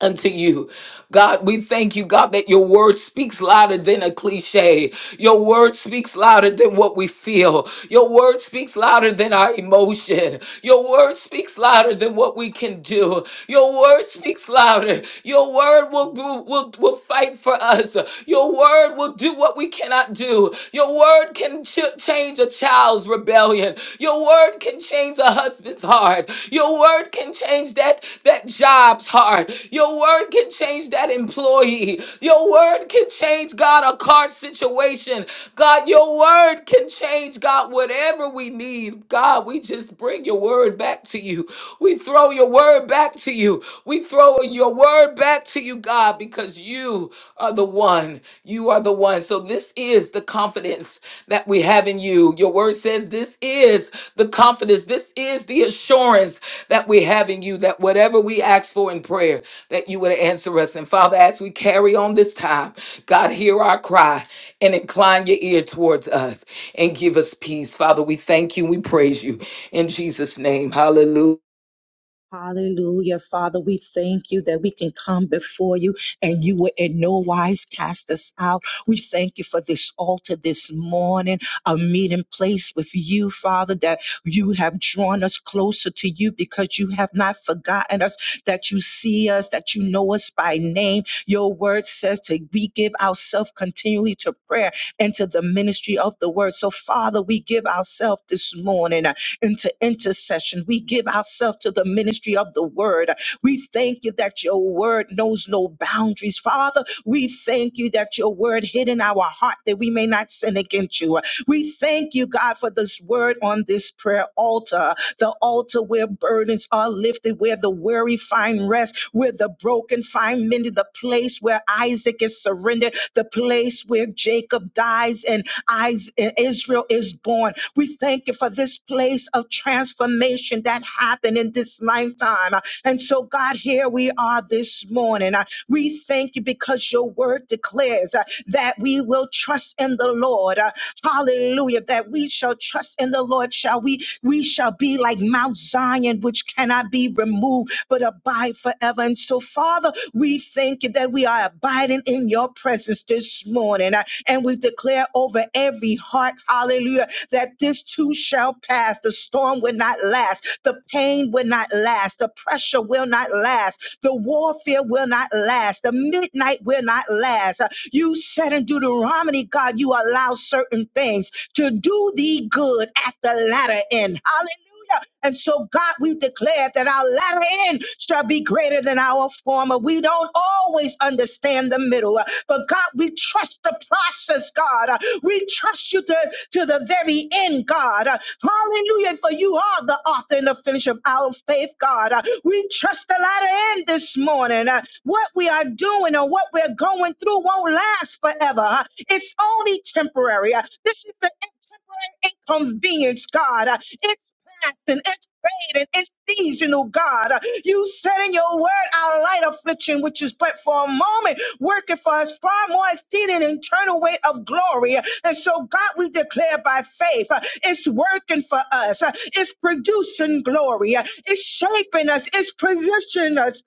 Speaker 5: unto you. God, we thank you, God, that your word speaks louder than a cliche. Your word speaks louder than what we feel. Your word speaks louder than our emotion. Your word speaks louder than what we can do. Your word speaks louder. Your word will, will, will, will fight for us. Your word will do what we cannot do. Your word can ch- change a child's rebellion. Your word can change a husband husband's heart. Your word can change that that job's heart. Your word can change that employee. Your word can change God a car situation. God, your word can change God whatever we need. God, we just bring your word back to you. We throw your word back to you. We throw your word back to you, God, because you are the one. You are the one. So this is the confidence that we have in you. Your word says this is the confidence. This is the assurance that we have in you that whatever we ask for in prayer, that you would answer us. And Father, as we carry on this time, God, hear our cry and incline your ear towards us and give us peace. Father, we thank you. We praise you in Jesus' name. Hallelujah.
Speaker 4: Hallelujah, Father. We thank you that we can come before you and you will in no wise cast us out. We thank you for this altar this morning, a meeting place with you, Father, that you have drawn us closer to you because you have not forgotten us, that you see us, that you know us by name. Your word says to we give ourselves continually to prayer and to the ministry of the word. So, Father, we give ourselves this morning. uh, into intercession. We give ourselves to the ministry of the word. We thank you that your word knows no boundaries. Father, we thank you that your word hid in our heart that we may not sin against you. We thank you, God, for this word on this prayer altar, the altar where burdens are lifted, where the weary find rest, where the broken find mended, the place where Isaac is surrendered, the place where Jacob dies, and is- Israel is born. We thank you for this place of transformation that happened in this lifetime. And so, God, here we are this morning. Uh, We thank you because your word declares uh, that we will trust in the Lord. Uh, Hallelujah. That we shall trust in the Lord. Shall we? We shall be like Mount Zion, which cannot be removed, but abide forever. And so, Father, we we thank you that we are abiding in your presence this morning. Uh, And we declare over every heart, hallelujah, that this too shall pass. The storm will not last. The pain will not last. The pressure will not last. The warfare will not last. The midnight will not last. Uh, You said in Deuteronomy, God, you allow certain things to do thee good at the latter end. Hallelujah. And so, God, we declare that our latter end shall be greater than our former. We don't always understand the middle, uh, but God, we trust the process, God. Uh, We trust you to, to the very end, God. Uh, Hallelujah, for you are the author and the finisher of our faith, God. Uh, We trust the latter end this morning. Uh, What we are doing or what we're going through won't last forever. Uh, It's only temporary. Uh, This is the end temporary inconvenience, God. Uh, It's passing, it's fading, it's seasonal, God. Uh, You said in your word, our light affliction, which is but for a moment, working for us far more exceeding internal weight of glory. Uh, And so, God, we declare by faith, uh, it's working for us, Uh, it's producing glory, Uh, it's shaping us, it's positioning us,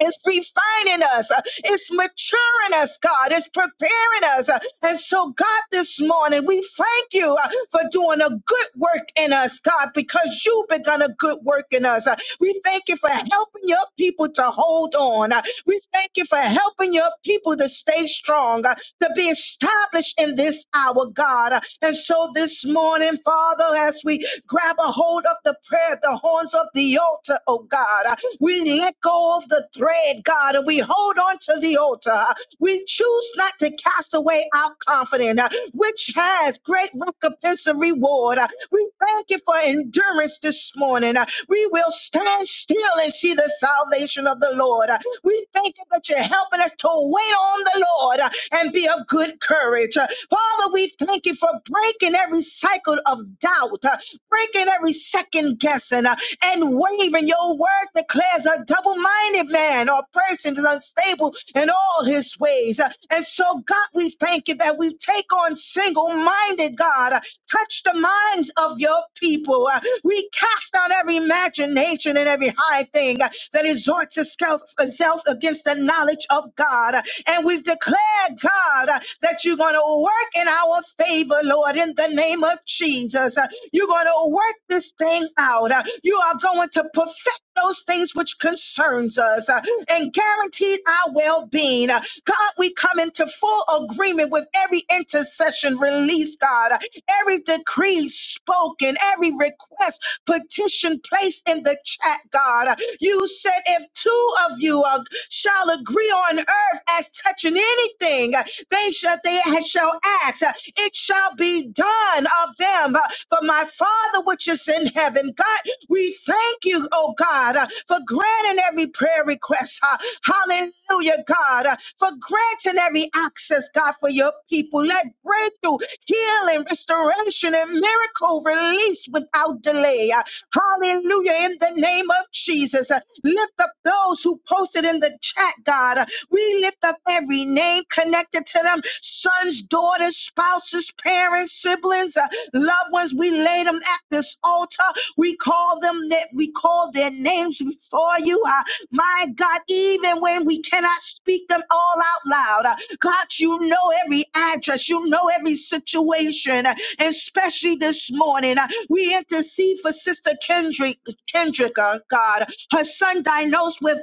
Speaker 4: it's refining us. Uh, It's maturing us, God. It's preparing us. Uh, And so, God, this morning, we thank you uh, for doing a good work in us, God, because you've begun a good work in us. Uh, We thank you for helping your people to hold on. Uh, We thank you for helping your people to stay strong, uh, to be established in this hour, God. Uh, And so, this morning, Father, as we grab a hold of the prayer, the horns of the altar, oh God. uh, we let go of the thread, God, and we hold on to the altar. We choose not to cast away our confidence, uh, which has great recompense and reward. Uh, We thank you for endurance this morning. Uh, We will stand still and see the salvation of the Lord. Uh, We thank you that you're helping us to wait on the Lord uh, and be of good courage. Uh, Father, we thank you for breaking every cycle of doubt. Uh, breaking every second guessing uh, and waving Your word declares a double minded man or person is unstable in all his ways. Uh, And so, God, we thank you that we take on single minded, God. Uh, Touch the minds of your people. Uh, We cast down every imagination and every high thing uh, that exhorts itself itself against the knowledge of God. Uh, And we've declared, God, uh, that you're going to work in our favor, Lord, in the name of Jesus. Uh, you're going to work this thing out. Uh, You are going to perfect those things which concerns us uh, and guaranteed our well-being. Uh, God, we come into full agreement with every intercession released, God, uh, every decree spoken, every request petition placed in the chat, God. You said if two of you uh, shall agree on earth as touching anything, uh, they shall they shall ask. Uh, It shall be done of them. Uh, For my Father which is in heaven, God, we thank you, oh God, uh, for granting every prayer request. Uh, Hallelujah, God, uh, for granting every access, God, for your people. Let breakthrough healing, restoration, and miracle release without delay. Uh, Hallelujah. In the name of Jesus, Uh, lift up those who posted in the chat, God. Uh, We lift up every name connected to them sons, daughters, spouses, parents, siblings, uh, loved ones. We lay them at this altar. We call them that we call their names before you. Uh, my God, even when we cannot speak them all out loud, uh, God, you know every address, you know every situation, and especially this morning. uh, We intercede for Sister Kendrick, Kendrick, uh, God, her son diagnosed with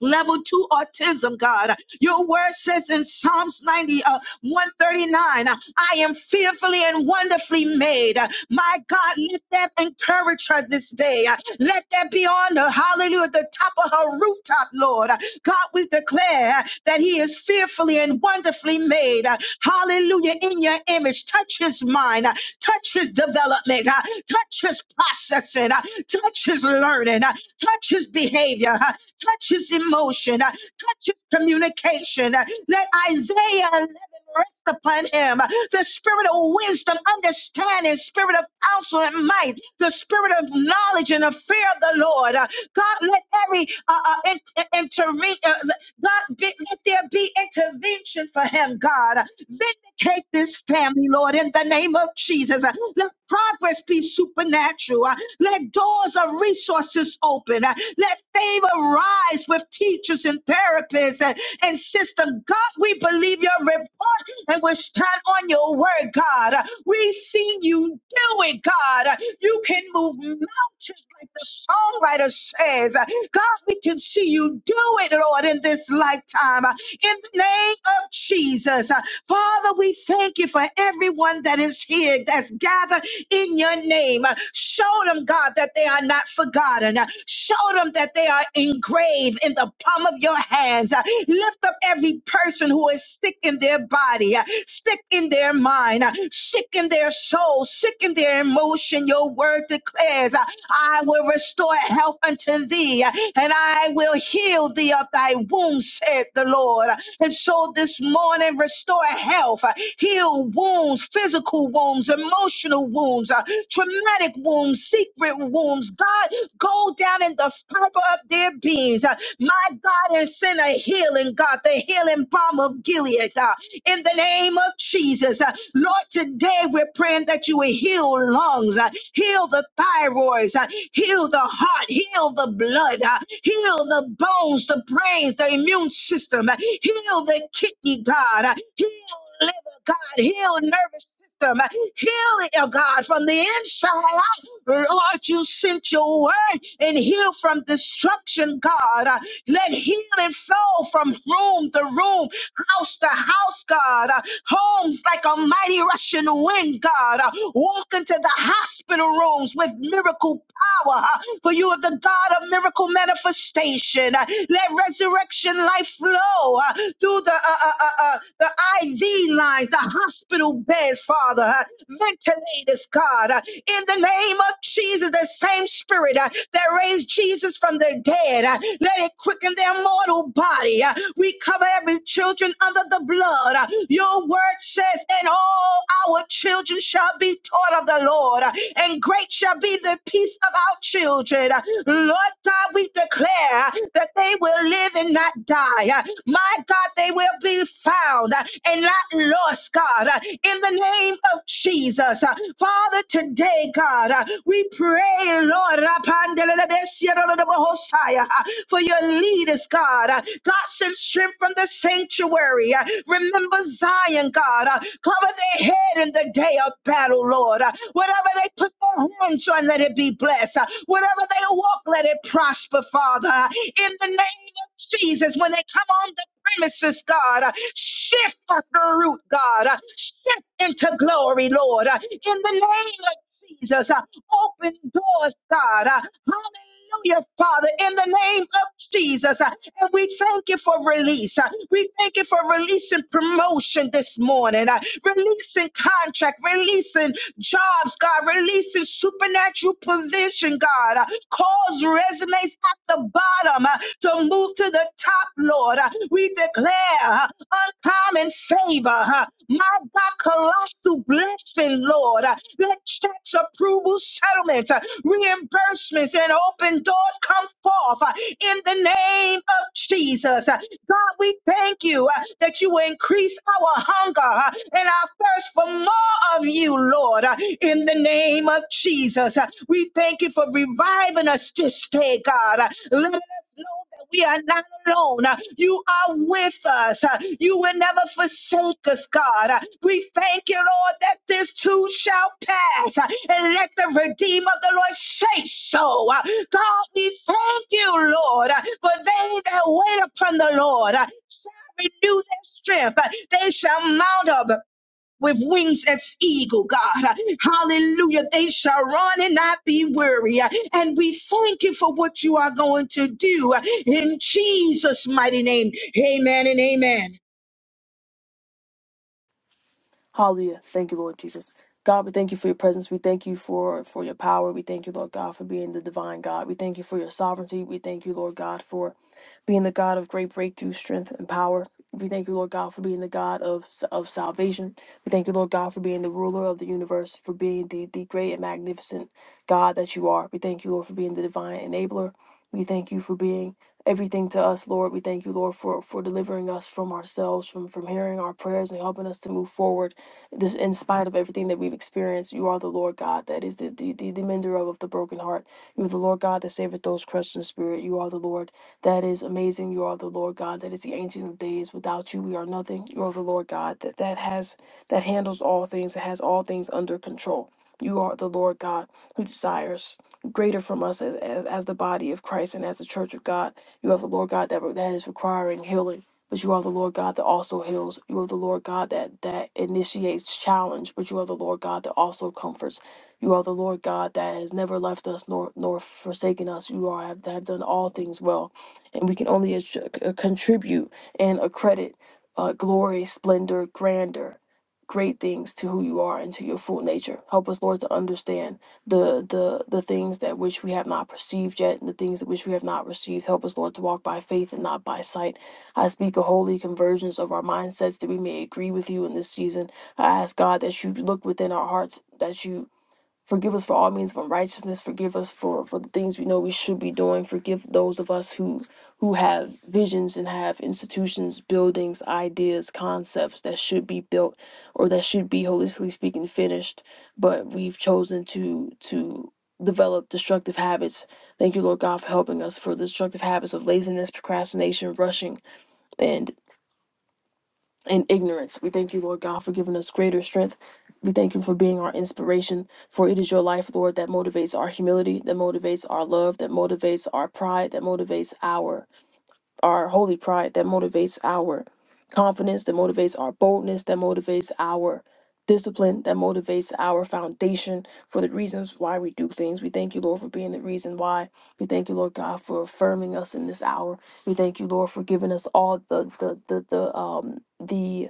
Speaker 4: level two autism, God. Your word says in Psalms 90, uh, 139, uh, I am fearfully and wonderfully made. Uh, My God, let that encourage her this day. Uh, Let that be on her, hallelujah, at the top of her rooftop, Lord. Uh, God, we declare uh, that he is fearfully and wonderfully made. Uh, Hallelujah, in your image. Touch his mind, uh, touch his development, uh, touch his processing, uh, touch his learning. uh, Touch his behavior, uh, touch his emotion, uh, touch his communication. uh, Let Isaiah 11 rest upon him. uh, The spirit of wisdom, understanding, spirit of counsel and might, the spirit of knowledge and the fear of the Lord. uh, God, let every uh, uh, in, in- interve- uh, God, be, let there be intervention for him, God. Vindicate this family, Lord, in the name of Jesus. Let progress be supernatural. Let doors of resources open. Let favor rise with teachers and therapists and, and system. God, we believe your report and we stand on your word, God. We see you do it, God. You can move just like the songwriter says, God, we can see you do it, Lord, in this lifetime. In the name of Jesus. Father, we thank you for everyone that is here, that's gathered in your name. Show them, God, that they are not forgotten. Show them that they are engraved in the palm of your hands. Lift up every person who is sick in their body, sick in their mind, sick in their soul, sick in their emotion. Your word declares, I will restore health unto thee and I will heal thee of thy wounds, said the Lord. And so this morning, restore health, uh, heal wounds, physical wounds, emotional wounds, uh, traumatic wounds, secret wounds. God, go down in the fiber of their beings, uh, my God, and send a healing, God, the healing balm of Gilead, God in the name of Jesus. Uh, Lord, today we're praying that you will heal lungs, uh, heal the thyroids, uh, heal the heart, heal the blood, uh, heal the bones, the brains, the immune system, uh, heal the kidney, God, uh, heal liver, God, heal nervous system, uh, heal it, oh God, from the inside out. Lord, you sent your word and heal from destruction, God. uh, let healing flow from room to room, house to house, God. Uh, homes like a mighty rushing wind, God. Uh, walk into the hospital rooms with miracle power, uh, for you are the God of miracle manifestation. Uh, let resurrection life flow uh, through the, uh, uh, uh, uh, the IV lines, the hospital beds, Father. Uh, ventilators, God. Uh, in the name of Jesus, the same spirit uh, that raised Jesus. Jesus from their dead. Uh, Let it quicken their mortal body. Uh, We cover every children under the blood. Uh, Your word says, and all our children shall be taught of the Lord, uh, and great shall be the peace of our children. Uh, Lord God, we declare uh, that they will live and not die. Uh, My God, they will be found uh, and not lost, God, uh, in the name of Jesus. Uh, Father, today, God, uh, we pray pray, Lord, Rapandelebesiadodobosaya, for your leaders, God. God, send strength from the sanctuary. Remember Zion, God. Cover their head in the day of battle, Lord. Whatever they put their hands on, let it be blessed. Whatever they walk, let it prosper, Father. In the name of Jesus, when they come on the premises, God. Shift at the root, God. Shift into glory, Lord. In the name Jesus. Uh, Open doors, God. Uh, Hallelujah, Hallelujah, Father, in the name of Jesus. Uh, And we thank you for release. Uh, We thank you for releasing promotion this morning, uh, releasing contract, releasing jobs, God, releasing supernatural provision, God. Uh, Cause resumes at the bottom uh, to move to the top, Lord. Uh, we declare uh, uncommon favor, uh, my God, colossal blessing, Lord. Uh, Let checks, approval, settlements, uh, reimbursements, and open doors come forth uh, in the name of Jesus. Uh, God, we thank you uh, that you will increase our hunger uh, and our thirst for more of you, Lord, uh, in the name of of Jesus. Uh, We thank you for reviving us this day, God. Uh, Let us know that we are not alone. Uh, You are with us. Uh, You will never forsake us, God. Uh, We thank you, Lord, that this too shall pass. Uh, And let the redeemer of the Lord say so. Uh, God, we thank you, Lord, uh, for they that wait upon the Lord uh, shall renew their strength. Uh, They shall mount up with wings as eagle, God. Hallelujah. They shall run and not be weary. And we thank you for what you are going to do in Jesus' mighty name. Amen and amen.
Speaker 6: Hallelujah. Thank you, Lord Jesus. God, we thank you for your presence. We thank you for, for your power. We thank you, Lord God, for being the divine God. We thank you for your sovereignty. We thank you, Lord God, for being the God of great breakthrough, strength, and power. We thank you, Lord God, for being the God of, of salvation. We thank you, Lord God, for being the ruler of the universe, for being the, the great and magnificent God that you are. We thank you, Lord, for being the divine enabler. We thank you for being everything to us, Lord. We thank you, Lord, for, for delivering us from ourselves, from, from hearing our prayers and helping us to move forward this in spite of everything that we've experienced you are the lord god that is the the, the, the mender of, of the broken heart you are the lord god that saveth those crushed in spirit you are the lord that is amazing you are the lord god that is the ancient of days without you we are nothing you are the lord god that that has that handles all things that has all things under control you are the lord god who desires greater from us as, as, as the body of christ and as the church of god you are the lord god that, that is requiring healing but you are the Lord God that also heals. You are the Lord God that that initiates challenge, but you are the Lord God that also comforts. You are the Lord God that has never left us nor nor forsaken us. You are have, have done all things well, and we can only attr- uh, contribute and accredit uh, glory, splendor, grandeur, great things to who you are and to your full nature. Help us, Lord, to understand the the the things that which we have not perceived yet, and the things that which we have not received. Help us, Lord, to walk by faith and not by sight. I speak a holy convergence of our mindsets that we may agree with you in this season. I ask God that you look within our hearts, that you forgive us for all means of unrighteousness, forgive us for, for the things we know we should be doing, forgive those of us who who have visions and have institutions, buildings, ideas, concepts that should be built or that should be holistically speaking finished, but we've chosen to to develop destructive habits. Thank you, Lord God, for helping us for the destructive habits of laziness, procrastination, rushing and in ignorance. We thank you, Lord God, for giving us greater strength. We thank you for being our inspiration, for it is your life, Lord, that motivates our humility, that motivates our love, that motivates our pride, that motivates our our holy pride, that motivates our confidence, that motivates our boldness, that motivates our discipline, that motivates our foundation for the reasons why we do things. We thank you, Lord, for being the reason why. We thank you, Lord God, for affirming us in this hour. We thank you, Lord, for giving us all the the the the um the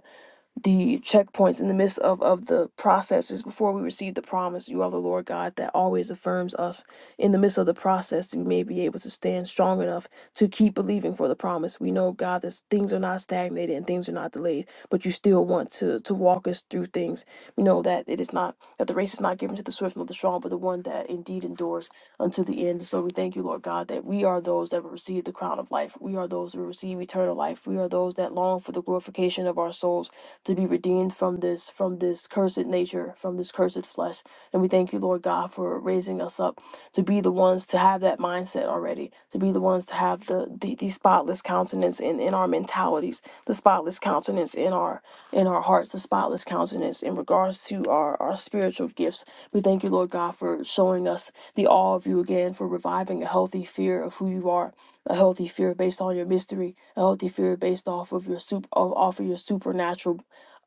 Speaker 6: the checkpoints in the midst of, of the processes before we receive the promise you are the lord god that always affirms us in the midst of the process that we may be able to stand strong enough to keep believing for the promise we know god that things are not stagnated and things are not delayed but you still want to to walk us through things we know that it is not that the race is not given to the swift nor the strong but the one that indeed endures unto the end so we thank you lord god that we are those that will receive the crown of life we are those who receive eternal life we are those that long for the glorification of our souls to be redeemed from this from this cursed nature, from this cursed flesh. And we thank you, Lord God, for raising us up to be the ones to have that mindset already, to be the ones to have the the, the spotless countenance in, in our mentalities, the spotless countenance in our in our hearts, the spotless countenance in regards to our, our spiritual gifts. We thank you, Lord God, for showing us the awe of you again, for reviving a healthy fear of who you are, a healthy fear based on your mystery, a healthy fear based off of your super off of your supernatural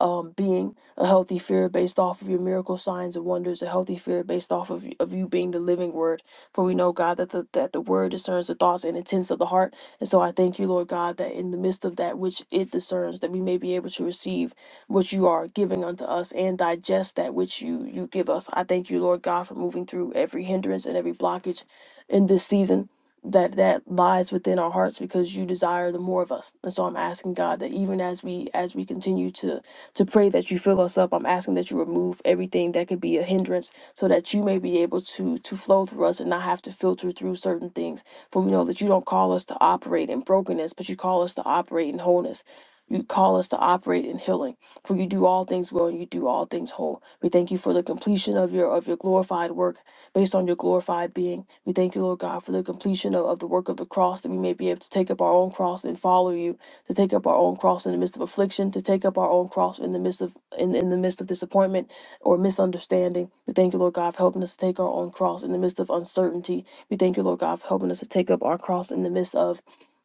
Speaker 6: um, being a healthy fear based off of your miracle signs and wonders, a healthy fear based off of, of you being the living word. For we know, God, that the, that the word discerns the thoughts and intents of the heart. And so I thank you, Lord God, that in the midst of that which it discerns, that we may be able to receive what you are giving unto us and digest that which you, you give us. I thank you, Lord God, for moving through every hindrance and every blockage in this season. That that lies within our hearts because you desire the more of us, and so I'm asking God that even as we as we continue to to pray that you fill us up. I'm asking that you remove everything that could be a hindrance so that you may be able to to flow through us and not have to filter through certain things. For we know that you don't call us to operate in brokenness, but you call us to operate in wholeness. You call us to operate in healing. For you do all things well and you do all things whole. We thank you for the completion of your of your glorified work based on your glorified being. We thank you, Lord God, for the completion of, of the work of the cross that we may be able to take up our own cross and follow you to take up our own cross in the midst of affliction, to take up our own cross in the midst of in, in the midst of disappointment or misunderstanding. We thank you, Lord God, for helping us to take our own cross in the midst of uncertainty. We thank you, Lord God, for helping us to take up our cross in the midst of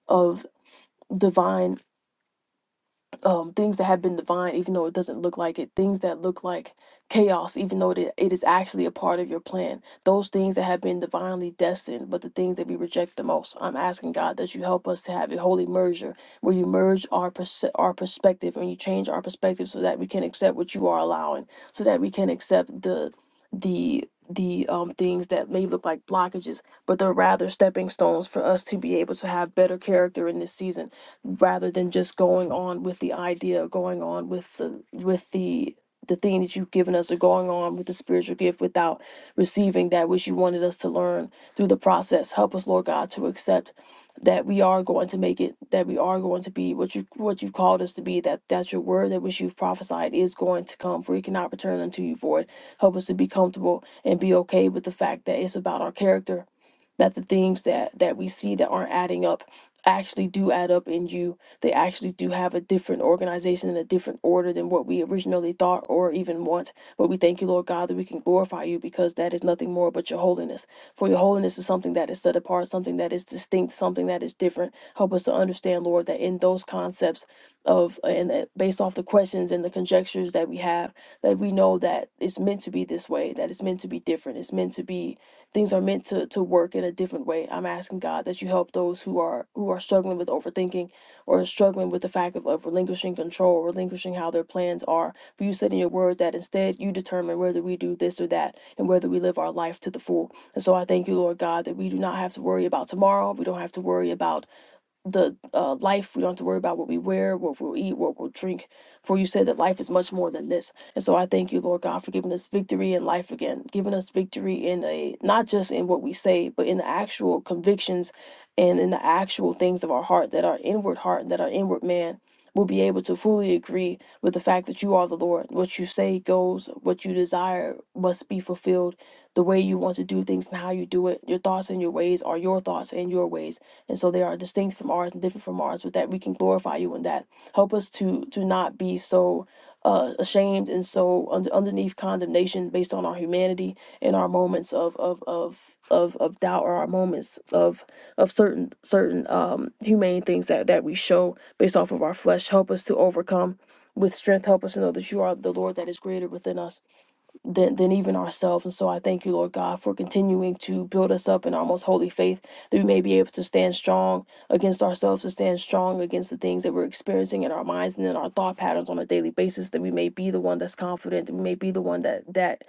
Speaker 6: of divine um, things that have been divine, even though it doesn't look like it, things that look like chaos, even though it, it is actually a part of your plan, those things that have been divinely destined, but the things that we reject the most. I'm asking God that you help us to have a holy merger where you merge our, perce- our perspective and you change our perspective so that we can accept what you are allowing, so that we can accept the, the, the um, things that may look like blockages, but they're rather stepping stones for us to be able to have better character in this season rather than just going on with the idea going on with the with the the thing that you've given us or going on with the spiritual gift without receiving that which you wanted us to learn through the process. Help us, Lord God, to accept that we are going to make it, that we are going to be what you what you've called us to be, that that your word that which you've prophesied is going to come, for it cannot return unto you void. Help us to be comfortable and be okay with the fact that it's about our character, that the things that that we see that aren't adding up actually do add up in you they actually do have a different organization and a different order than what we originally thought or even want but we thank you lord god that we can glorify you because that is nothing more but your holiness for your holiness is something that is set apart something that is distinct something that is different help us to understand lord that in those concepts of and that based off the questions and the conjectures that we have that we know that it's meant to be this way that it's meant to be different it's meant to be things are meant to to work in a different way. I'm asking God that you help those who are who are struggling with overthinking or struggling with the fact of, of relinquishing control, relinquishing how their plans are. For you said in your word that instead you determine whether we do this or that and whether we live our life to the full. And so I thank you, Lord God, that we do not have to worry about tomorrow. We don't have to worry about the uh, life. We don't have to worry about what we wear, what we'll eat, what we'll drink. For you said that life is much more than this. And so I thank you, Lord God, for giving us victory in life again, giving us victory in a not just in what we say, but in the actual convictions and in the actual things of our heart that our inward heart that our inward man will be able to fully agree with the fact that you are the Lord. What you say goes, what you desire must be fulfilled, the way you want to do things and how you do it. Your thoughts and your ways are your thoughts and your ways and so they are distinct from ours and different from ours, but that we can glorify you in that. Help us to to not be so uh, ashamed and so under, underneath condemnation based on our humanity and our moments of of of of, of doubt or our moments of of certain certain um humane things that that we show based off of our flesh help us to overcome with strength help us to know that you are the lord that is greater within us than, than even ourselves. And so I thank you, Lord God, for continuing to build us up in our most holy faith that we may be able to stand strong against ourselves, to stand strong against the things that we're experiencing in our minds and in our thought patterns on a daily basis, that we may be the one that's confident, that we may be the one that that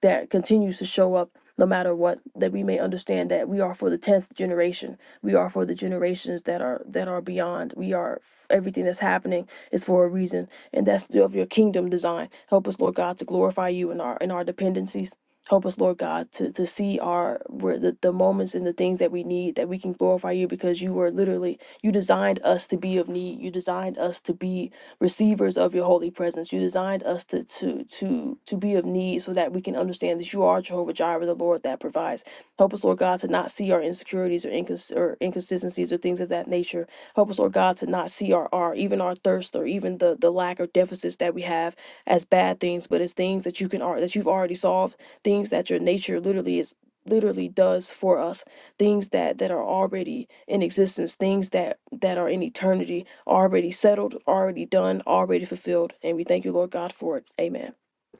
Speaker 6: that continues to show up no matter what, that we may understand that we are for the tenth generation. We are for the generations that are that are beyond. We are f- everything that's happening is for a reason and that's of your kingdom design. Help us, Lord God, to glorify you in our in our dependencies. Help us, Lord God, to, to see our where the, the moments and the things that we need that we can glorify you because you were literally you designed us to be of need. You designed us to be receivers of your holy presence. You designed us to to to to be of need so that we can understand that you are Jehovah Jireh, the Lord that provides. Help us, Lord God, to not see our insecurities or, incons- or inconsistencies or things of that nature Help us, Lord God, to not see our, our even our thirst or even the the lack or deficits that we have as bad things, but as things that you can al- that you've already solved, things that your nature literally is literally does for us things that that are already in existence things that that are in eternity already settled already done already fulfilled and we thank you lord god for it amen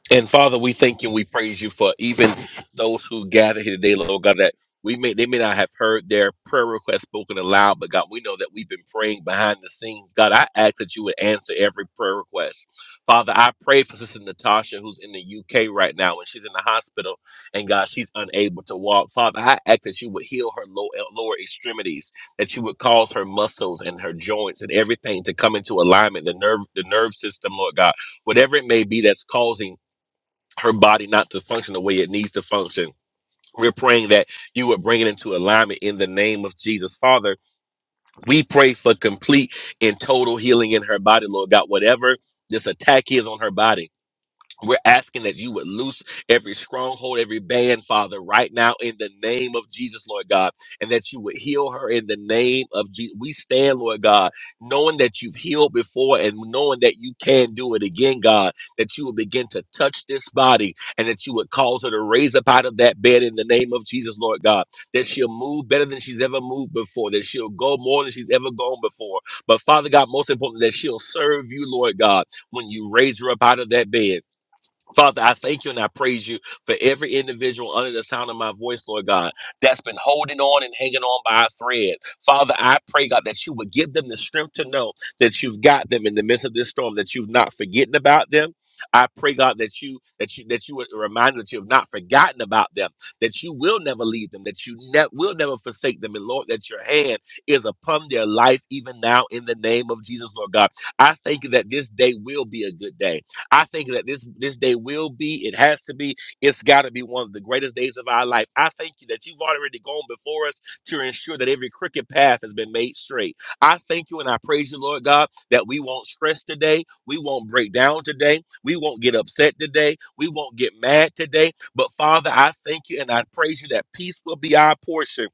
Speaker 2: And Father, we thank you and we praise you for even those who gather here today, Lord God, that we may they may not have heard their prayer request spoken aloud, but God, we know that we've been praying behind the scenes. God, I ask that you would answer every prayer request. Father, I pray for Sister Natasha, who's in the UK right now, and she's in the hospital, and God, she's unable to walk. Father, I ask that you would heal her low, uh, lower extremities, that you would cause her muscles and her joints and everything to come into alignment, the nerve, the nerve system, Lord God, whatever it may be that's causing her body not to function the way it needs to function. We're praying that you would bring it into alignment in the name of Jesus. Father, we pray for complete and total healing in her body, Lord God, whatever this attack is on her body. We're asking that you would loose every stronghold, every band, Father, right now in the name of Jesus, Lord God, and that you would heal her in the name of Jesus. We stand, Lord God, knowing that you've healed before and knowing that you can do it again, God, that you would begin to touch this body and that you would cause her to raise up out of that bed in the name of Jesus, Lord God, that she'll move better than she's ever moved before, that she'll go more than she's ever gone before. But Father God, most importantly, that she'll serve you, Lord God, when you raise her up out of that bed. Father, I thank you and I praise you for every individual under the sound of my voice, Lord God, that's been holding on and hanging on by a thread. Father, I pray, God, that you would give them the strength to know that you've got them in the midst of this storm, that you've not forgotten about them. I pray, God, that you that you that you would remind them that you have not forgotten about them, that you will never leave them, that you ne- will never forsake them, and Lord, that your hand is upon their life even now in the name of Jesus, Lord God. I thank you that this day will be a good day. I think that this this day will be, it has to be, it's got to be one of the greatest days of our life. I thank you that you've already gone before us to ensure that every crooked path has been made straight. I thank you and I praise you, Lord God, that we won't stress today, we won't break down today, we won't get upset today, we won't get mad today. But Father, I thank you and I praise you that peace will be our portion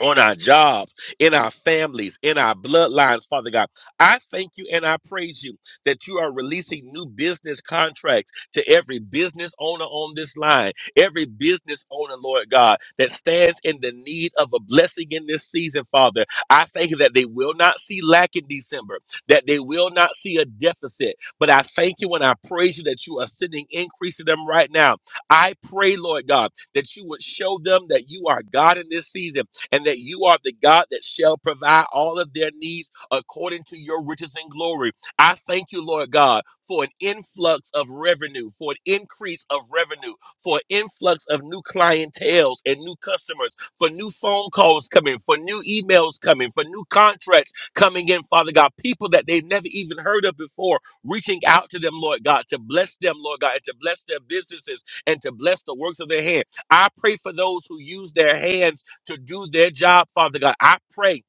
Speaker 2: on our jobs, in our families, in our bloodlines, Father God. I thank you and I praise you that you are releasing new business contracts to every business owner on this line, every business owner, Lord God, that stands in the need of a blessing in this season, Father. I thank you that they will not see lack in December, that they will not see a deficit, but I thank you and I praise you that you are sending increase to them right now. I pray, Lord God, that you would show them that you are God in this season and that you are the God that shall provide all of their needs according to your riches and glory. I thank you, Lord God, for an influx of revenue, for an increase of revenue, for an influx of new clientels and new customers, for new phone calls coming, for new emails coming, for new contracts coming in, Father God, people that they've never even heard of before, reaching out to them, Lord God, to bless them, Lord God, and to bless their businesses and to bless the works of their hand. I pray for those who use their hands to do their job, Father God. I pray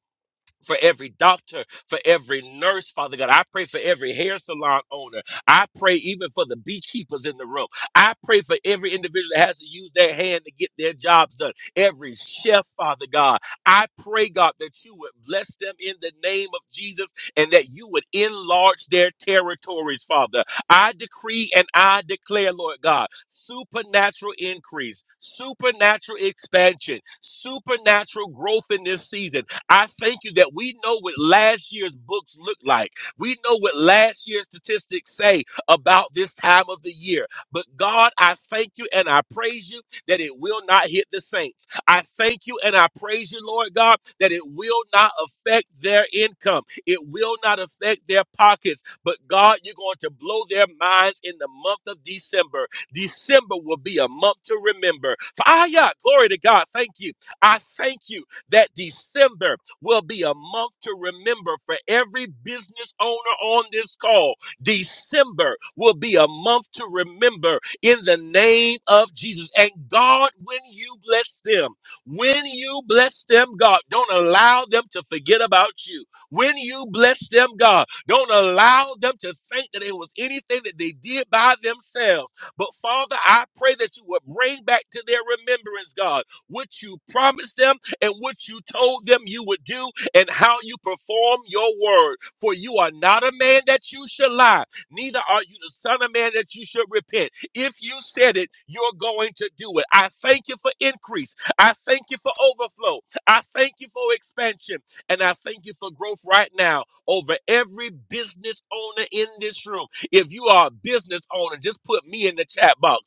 Speaker 2: for every doctor, for every nurse, Father God. I pray for every hair salon owner. I pray even for the beekeepers in the room. I pray for every individual that has to use their hand to get their jobs done. Every chef, Father God. I pray, God, that you would bless them in the name of Jesus and that you would enlarge their territories, Father. I decree and I declare, Lord God, supernatural increase, supernatural expansion, supernatural growth in this season. I thank you that we know what last year's books look like. We know what last year's statistics say about this time of the year. But God, I thank you and I praise you that it will not hit the saints. I thank you and I praise you, Lord God, that it will not affect their income. It will not affect their pockets. But God, you're going to blow their minds in the month of December. December will be a month to remember. For ah, yeah, glory to God. Thank you. I thank you that December will be a month to remember for every business owner on this call. December will be a month to remember in the name of Jesus. And God, when you bless them, when you bless them, God, don't allow them to forget about you. When you bless them, God, don't allow them to think that it was anything that they did by themselves. But Father, I pray that you would bring back to their remembrance, God, what you promised them and what you told them you would do and how you perform your word. For you are not a man that you should lie, neither are you the son of man that you should repent. If you said it, you're going to do it. I thank you for increase. I thank you for overflow. I thank you for expansion. And I thank you for growth right now over every business owner in this room. If you are a business owner, just put me in the chat box.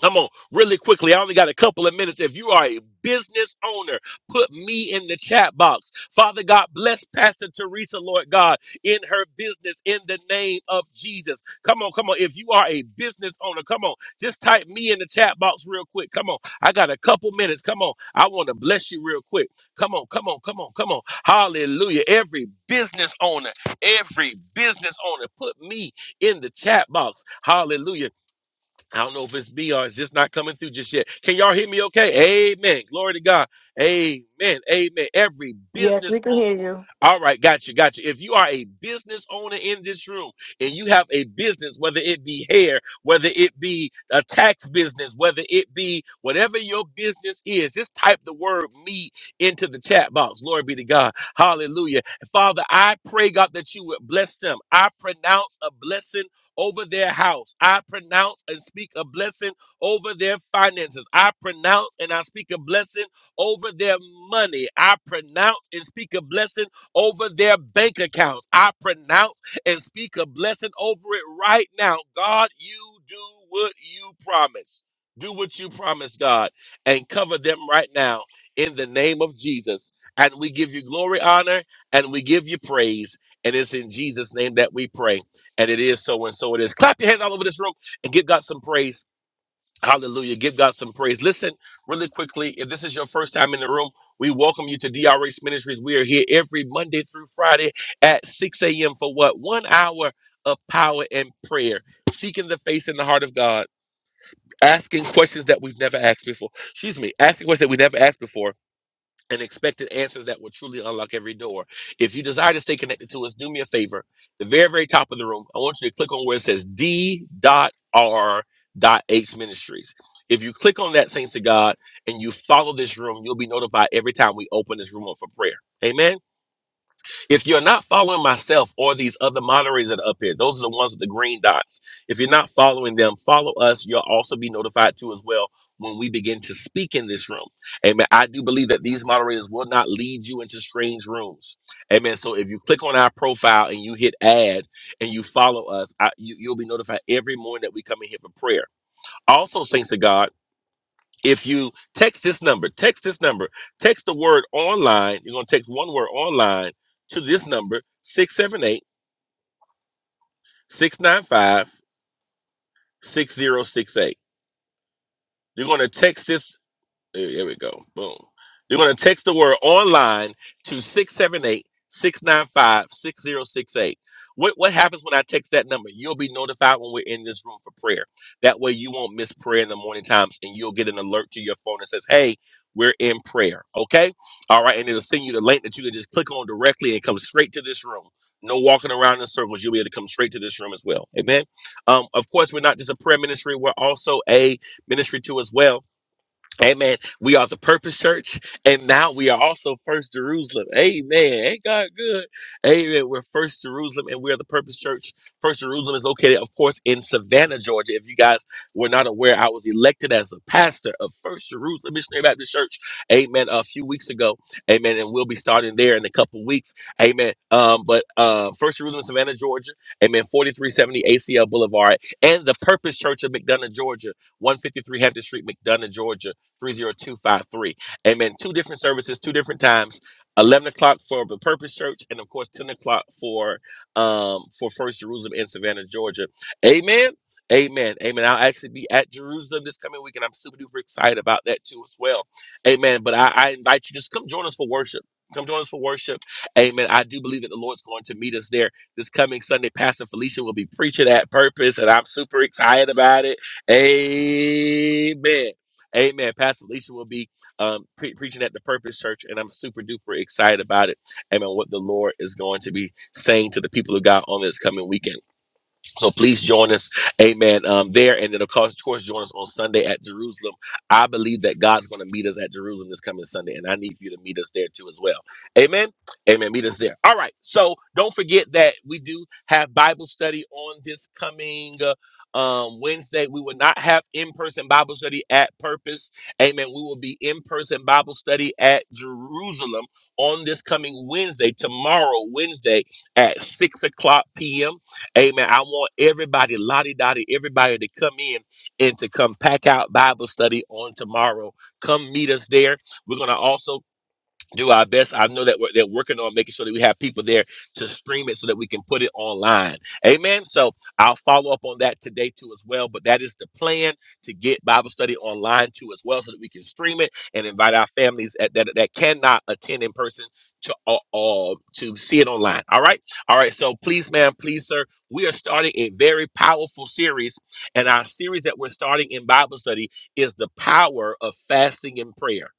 Speaker 2: Come on, really quickly. I only got a couple of minutes. If you are a business owner, put me in the chat box. Father God, bless Pastor Teresa, Lord God, in her business in the name of Jesus. Come on, come on. If you are a business owner, come on, just type me in the chat box real quick. Come on, I got a couple minutes. Come on, I want to bless you real quick. Come on, come on, come on, come on. Hallelujah. Every business owner, every business owner, put me in the chat box. Hallelujah I don't know if it's me or it's just not coming through just yet. Can y'all hear me okay? Amen. Glory to God. Amen. Amen. Every
Speaker 3: Yes, we
Speaker 2: business owner.
Speaker 3: can hear you.
Speaker 2: All right, gotcha, gotcha. If you are a business owner in this room and you have a business, whether it be hair, whether it be a tax business, whether it be whatever your business is, just type the word me into the chat box. Glory be to God. Hallelujah. And Father, I pray, God, that you would bless them. I pronounce a blessing. Over their house. I pronounce and speak a blessing over their finances. I pronounce and I speak a blessing over their money. I pronounce and speak a blessing over their bank accounts. I pronounce and speak a blessing over it right now. God, you do what you promise. Do what you promise, God, and cover them right now in the name of Jesus. And we give you glory, honor, and we give you praise. And it's in Jesus' name that we pray. And it is so and so it is. Clap your hands all over this room and give God some praise. Hallelujah. Give God some praise. Listen, really quickly, if this is your first time in the room, we welcome you to DRH Ministries. We are here every Monday through Friday at 6 a.m. for what? One hour of power and prayer, seeking the face and the heart of God, asking questions that we've never asked before. Excuse me, asking questions that we never asked before and expected answers that will truly unlock every door. If you desire to stay connected to us, do me a favor. The very, very top of the room, I want you to click on where it says D.R.H Ministries. If you click on that, Saints of God, and you follow this room, you'll be notified every time we open this room up for prayer. Amen. If you're not following myself or these other moderators that are up here, those are the ones with the green dots. If you're not following them, follow us. You'll also be notified too as well when we begin to speak in this room. Amen. I do believe that these moderators will not lead you into strange rooms. Amen. So if you click on our profile and you hit add and you follow us, I, you, you'll be notified every morning that we come in here for prayer. Also, saints of God. If you text this number, text this number, text the word online, you're going to text one word online to this number, six seven eight, six nine five, six zero six eight. You're going to text this There, there we go. Boom. You're going to text the word online to 678 695 6068. What, what happens when I text that number? You'll be notified when we're in this room for prayer. That way, you won't miss prayer in the morning times and you'll get an alert to your phone that says, Hey, we're in prayer. Okay. All right. And it'll send you the link that you can just click on directly and come straight to this room. No walking around in circles. You'll be able to come straight to this room as well. Amen. Um, of course, we're not just a prayer ministry, we're also a ministry too as well Amen. We are the Purpose Church, and now we are also First Jerusalem. Amen. Ain't God good? Amen. We're First Jerusalem, and we are the Purpose Church. First Jerusalem is located, of course, in Savannah, Georgia. If you guys were not aware, I was elected as the pastor of First Jerusalem Missionary Baptist Church. Amen. A few weeks ago. Amen. And we'll be starting there in a couple weeks. Amen. Um, but uh, First Jerusalem, Savannah, Georgia. Amen. Forty-three seventy ACL Boulevard, and the Purpose Church of McDonough, Georgia. One fifty-three Hampton Street, McDonough, Georgia. 30253. Amen. Two different services, two different times. 11 o'clock for the Purpose Church, and of course, 10 o'clock for um for First Jerusalem in Savannah, Georgia. Amen. Amen. Amen. I'll actually be at Jerusalem this coming week, and I'm super duper excited about that too as well. Amen. But I, I invite you just come join us for worship. Come join us for worship. Amen. I do believe that the Lord's going to meet us there this coming Sunday. Pastor Felicia will be preaching at purpose, and I'm super excited about it. Amen. Amen. Pastor Alicia will be um, pre- preaching at the Purpose Church, and I'm super duper excited about it. Amen. What the Lord is going to be saying to the people of God on this coming weekend. So please join us, amen, um, there. And then, of course, of course, join us on Sunday at Jerusalem. I believe that God's going to meet us at Jerusalem this coming Sunday, and I need for you to meet us there too as well. Amen. Amen. Meet us there. All right. So don't forget that we do have Bible study on this coming uh, um, Wednesday. We will not have in person Bible study at Purpose. Amen. We will be in person Bible study at Jerusalem on this coming Wednesday, tomorrow, Wednesday at 6 o'clock p.m. Amen. I want everybody, lottie dottie, everybody to come in and to come pack out Bible study on tomorrow. Come meet us there. We're going to also do our best. I know that we're, they're working on making sure that we have people there to stream it so that we can put it online. Amen. So I'll follow up on that today too as well. But that is the plan to get Bible study online too as well so that we can stream it and invite our families at, that that cannot attend in person to uh, uh, to see it online. All right. All right. So please, ma'am, please, sir, we are starting a very powerful series, and our series that we're starting in Bible study is the power of fasting and prayer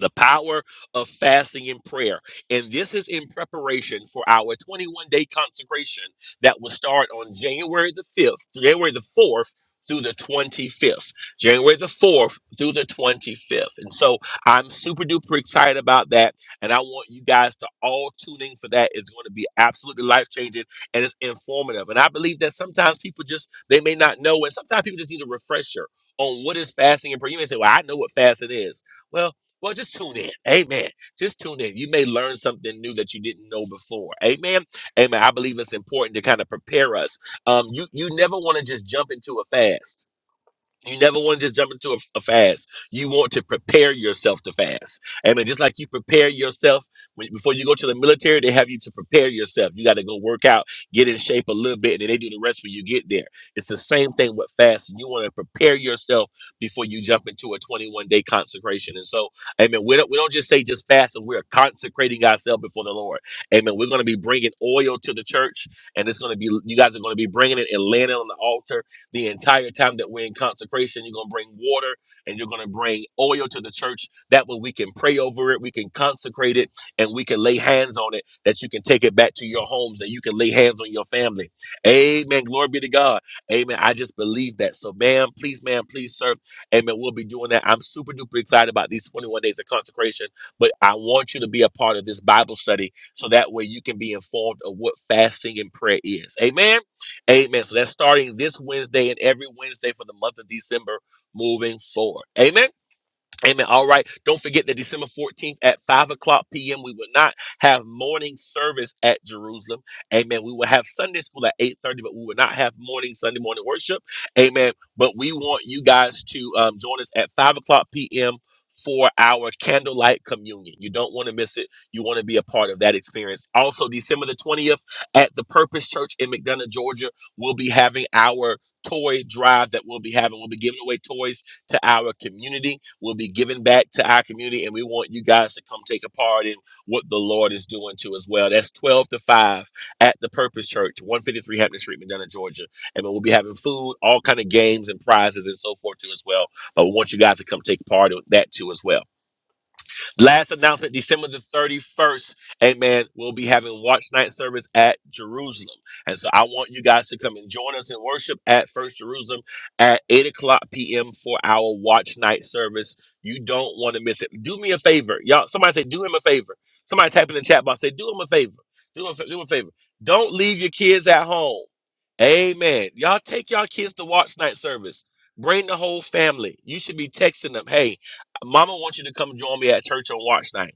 Speaker 2: the power of fasting and prayer. And this is in preparation for our 21 day consecration that will start on January the 5th, January the 4th through the 25th, January the 4th through the 25th. And so I'm super duper excited about that. And I want you guys to all tune in for that. It's going to be absolutely life changing and it's informative. And I believe that sometimes people just, they may not know. And sometimes people just need a refresher on what is fasting and prayer. You may say, well, I know what fasting is. Well, well, just tune in. Amen. Just tune in. You may learn something new that you didn't know before. Amen. Amen. I believe it's important to kind of prepare us. Um, you you never want to just jump into a fast. You never want to just jump into a, a fast. You want to prepare yourself to fast. Amen. Just like you prepare yourself when, before you go to the military, they have you to prepare yourself. You got to go work out, get in shape a little bit, and then they do the rest when you get there. It's the same thing with fasting. You want to prepare yourself before you jump into a 21 day consecration. And so, amen. We don't, we don't just say just fast, and we're consecrating ourselves before the Lord. Amen. We're going to be bringing oil to the church, and it's going to be, you guys are going to be bringing it and laying it on the altar the entire time that we're in consecration. You're going to bring water and you're going to bring oil to the church. That way we can pray over it, we can consecrate it, and we can lay hands on it that you can take it back to your homes and you can lay hands on your family. Amen. Glory be to God. Amen. I just believe that. So, ma'am, please, ma'am, please, sir. Amen. We'll be doing that. I'm super duper excited about these 21 days of consecration, but I want you to be a part of this Bible study so that way you can be informed of what fasting and prayer is. Amen. Amen. So that's starting this Wednesday and every Wednesday for the month of December moving forward. Amen. Amen. All right. Don't forget that December 14th at 5 o'clock p.m. We will not have morning service at Jerusalem. Amen. We will have Sunday school at 8:30, but we will not have morning Sunday morning worship. Amen. But we want you guys to um, join us at 5 o'clock p.m. for our candlelight communion. You don't want to miss it. You want to be a part of that experience. Also, December the 20th at the Purpose Church in McDonough, Georgia, we'll be having our toy drive that we'll be having. We'll be giving away toys to our community. We'll be giving back to our community, and we want you guys to come take a part in what the Lord is doing too as well. That's 12 to 5 at the Purpose Church, 153 Hampton Street, Medina, Georgia. And we'll be having food, all kind of games and prizes and so forth too as well. But we want you guys to come take part in that too as well. Last announcement December the 31st. Amen. We'll be having watch night service at Jerusalem. And so I want you guys to come and join us in worship at First Jerusalem at 8 o'clock p.m. for our watch night service. You don't want to miss it. Do me a favor. Y'all, somebody say, do him a favor. Somebody type in the chat box, say, do him a favor. Do him, a fa- do him a favor. Don't leave your kids at home. Amen. Y'all take y'all kids to watch night service. Bring the whole family. You should be texting them, hey, Mama wants you to come join me at church on watch night.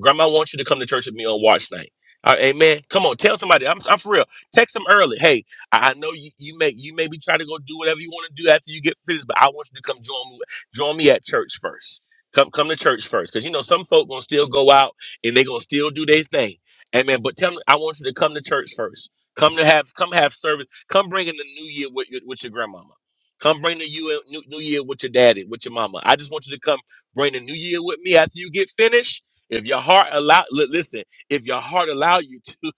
Speaker 2: Grandma wants you to come to church with me on watch night. All right, amen. Come on, tell somebody. I'm, I'm for real. Text them early. Hey, I, I know you, you may you maybe try to go do whatever you want to do after you get finished, but I want you to come join me join me at church first. Come come to church first, because you know some folk gonna still go out and they gonna still do their thing. Amen. But tell them I want you to come to church first. Come to have come have service. Come bring in the new year with your with your grandmama. Come bring the you new, new year with your daddy, with your mama. I just want you to come bring the new year with me after you get finished if your heart allow, li- listen. If your heart allow you to,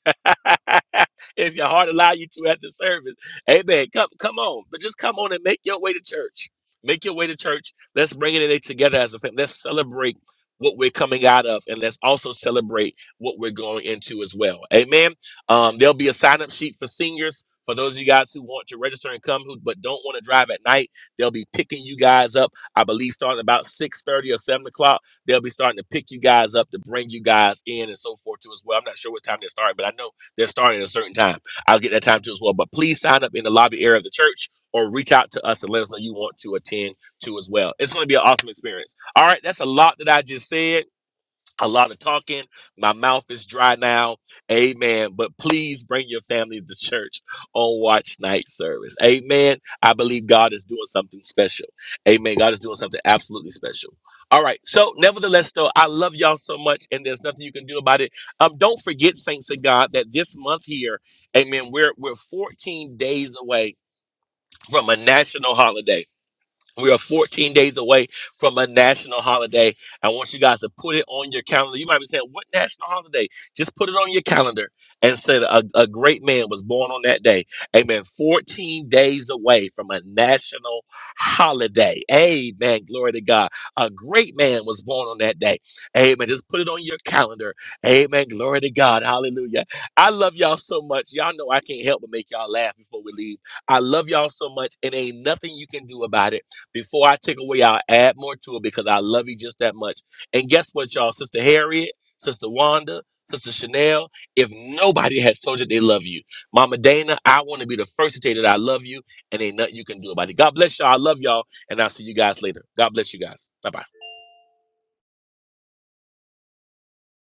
Speaker 2: if your heart allow you to at the service, amen. Come, come on, but just come on and make your way to church. Make your way to church. Let's bring it in together as a family. Let's celebrate what we're coming out of, and let's also celebrate what we're going into as well. Amen. Um, there'll be a sign up sheet for seniors. For those of you guys who want to register and come, who but don't want to drive at night, they'll be picking you guys up. I believe starting about six thirty or seven o'clock They'll be starting to pick you guys up to bring you guys in and so forth too as well. I'm not sure what time they're starting, but I know they're starting at a certain time. I'll get that time too as well. But please sign up in the lobby area of the church or reach out to us and let us know you want to attend to as well. It's going to be an awesome experience. All right, that's a lot that I just said a lot of talking. My mouth is dry now. Amen. But please bring your family to church on watch night service. Amen. I believe God is doing something special. Amen. God is doing something absolutely special. All right. So, nevertheless, though, I love y'all so much, and there's nothing you can do about it. Um, don't forget, saints of God, that this month here, Amen. We're we're 14 days away from a national holiday. We are 14 days away from a national holiday. I want you guys to put it on your calendar. You might be saying, What national holiday? Just put it on your calendar and say that a, a great man was born on that day. Amen. 14 days away from a national holiday. Amen. Glory to God. A great man was born on that day. Amen. Just put it on your calendar. Amen. Glory to God. Hallelujah. I love y'all so much. Y'all know I can't help but make y'all laugh before we leave. I love y'all so much, and ain't nothing you can do about it. Before I take away, I'll add more to it because I love you just that much. And guess what, y'all? Sister Harriet, Sister Wanda, Sister Chanel, if nobody has told you they love you, Mama Dana, I want to be the first to tell you that I love you and ain't nothing you can do about it. God bless y'all. I love y'all. And I'll see you guys later. God bless you guys. Bye bye.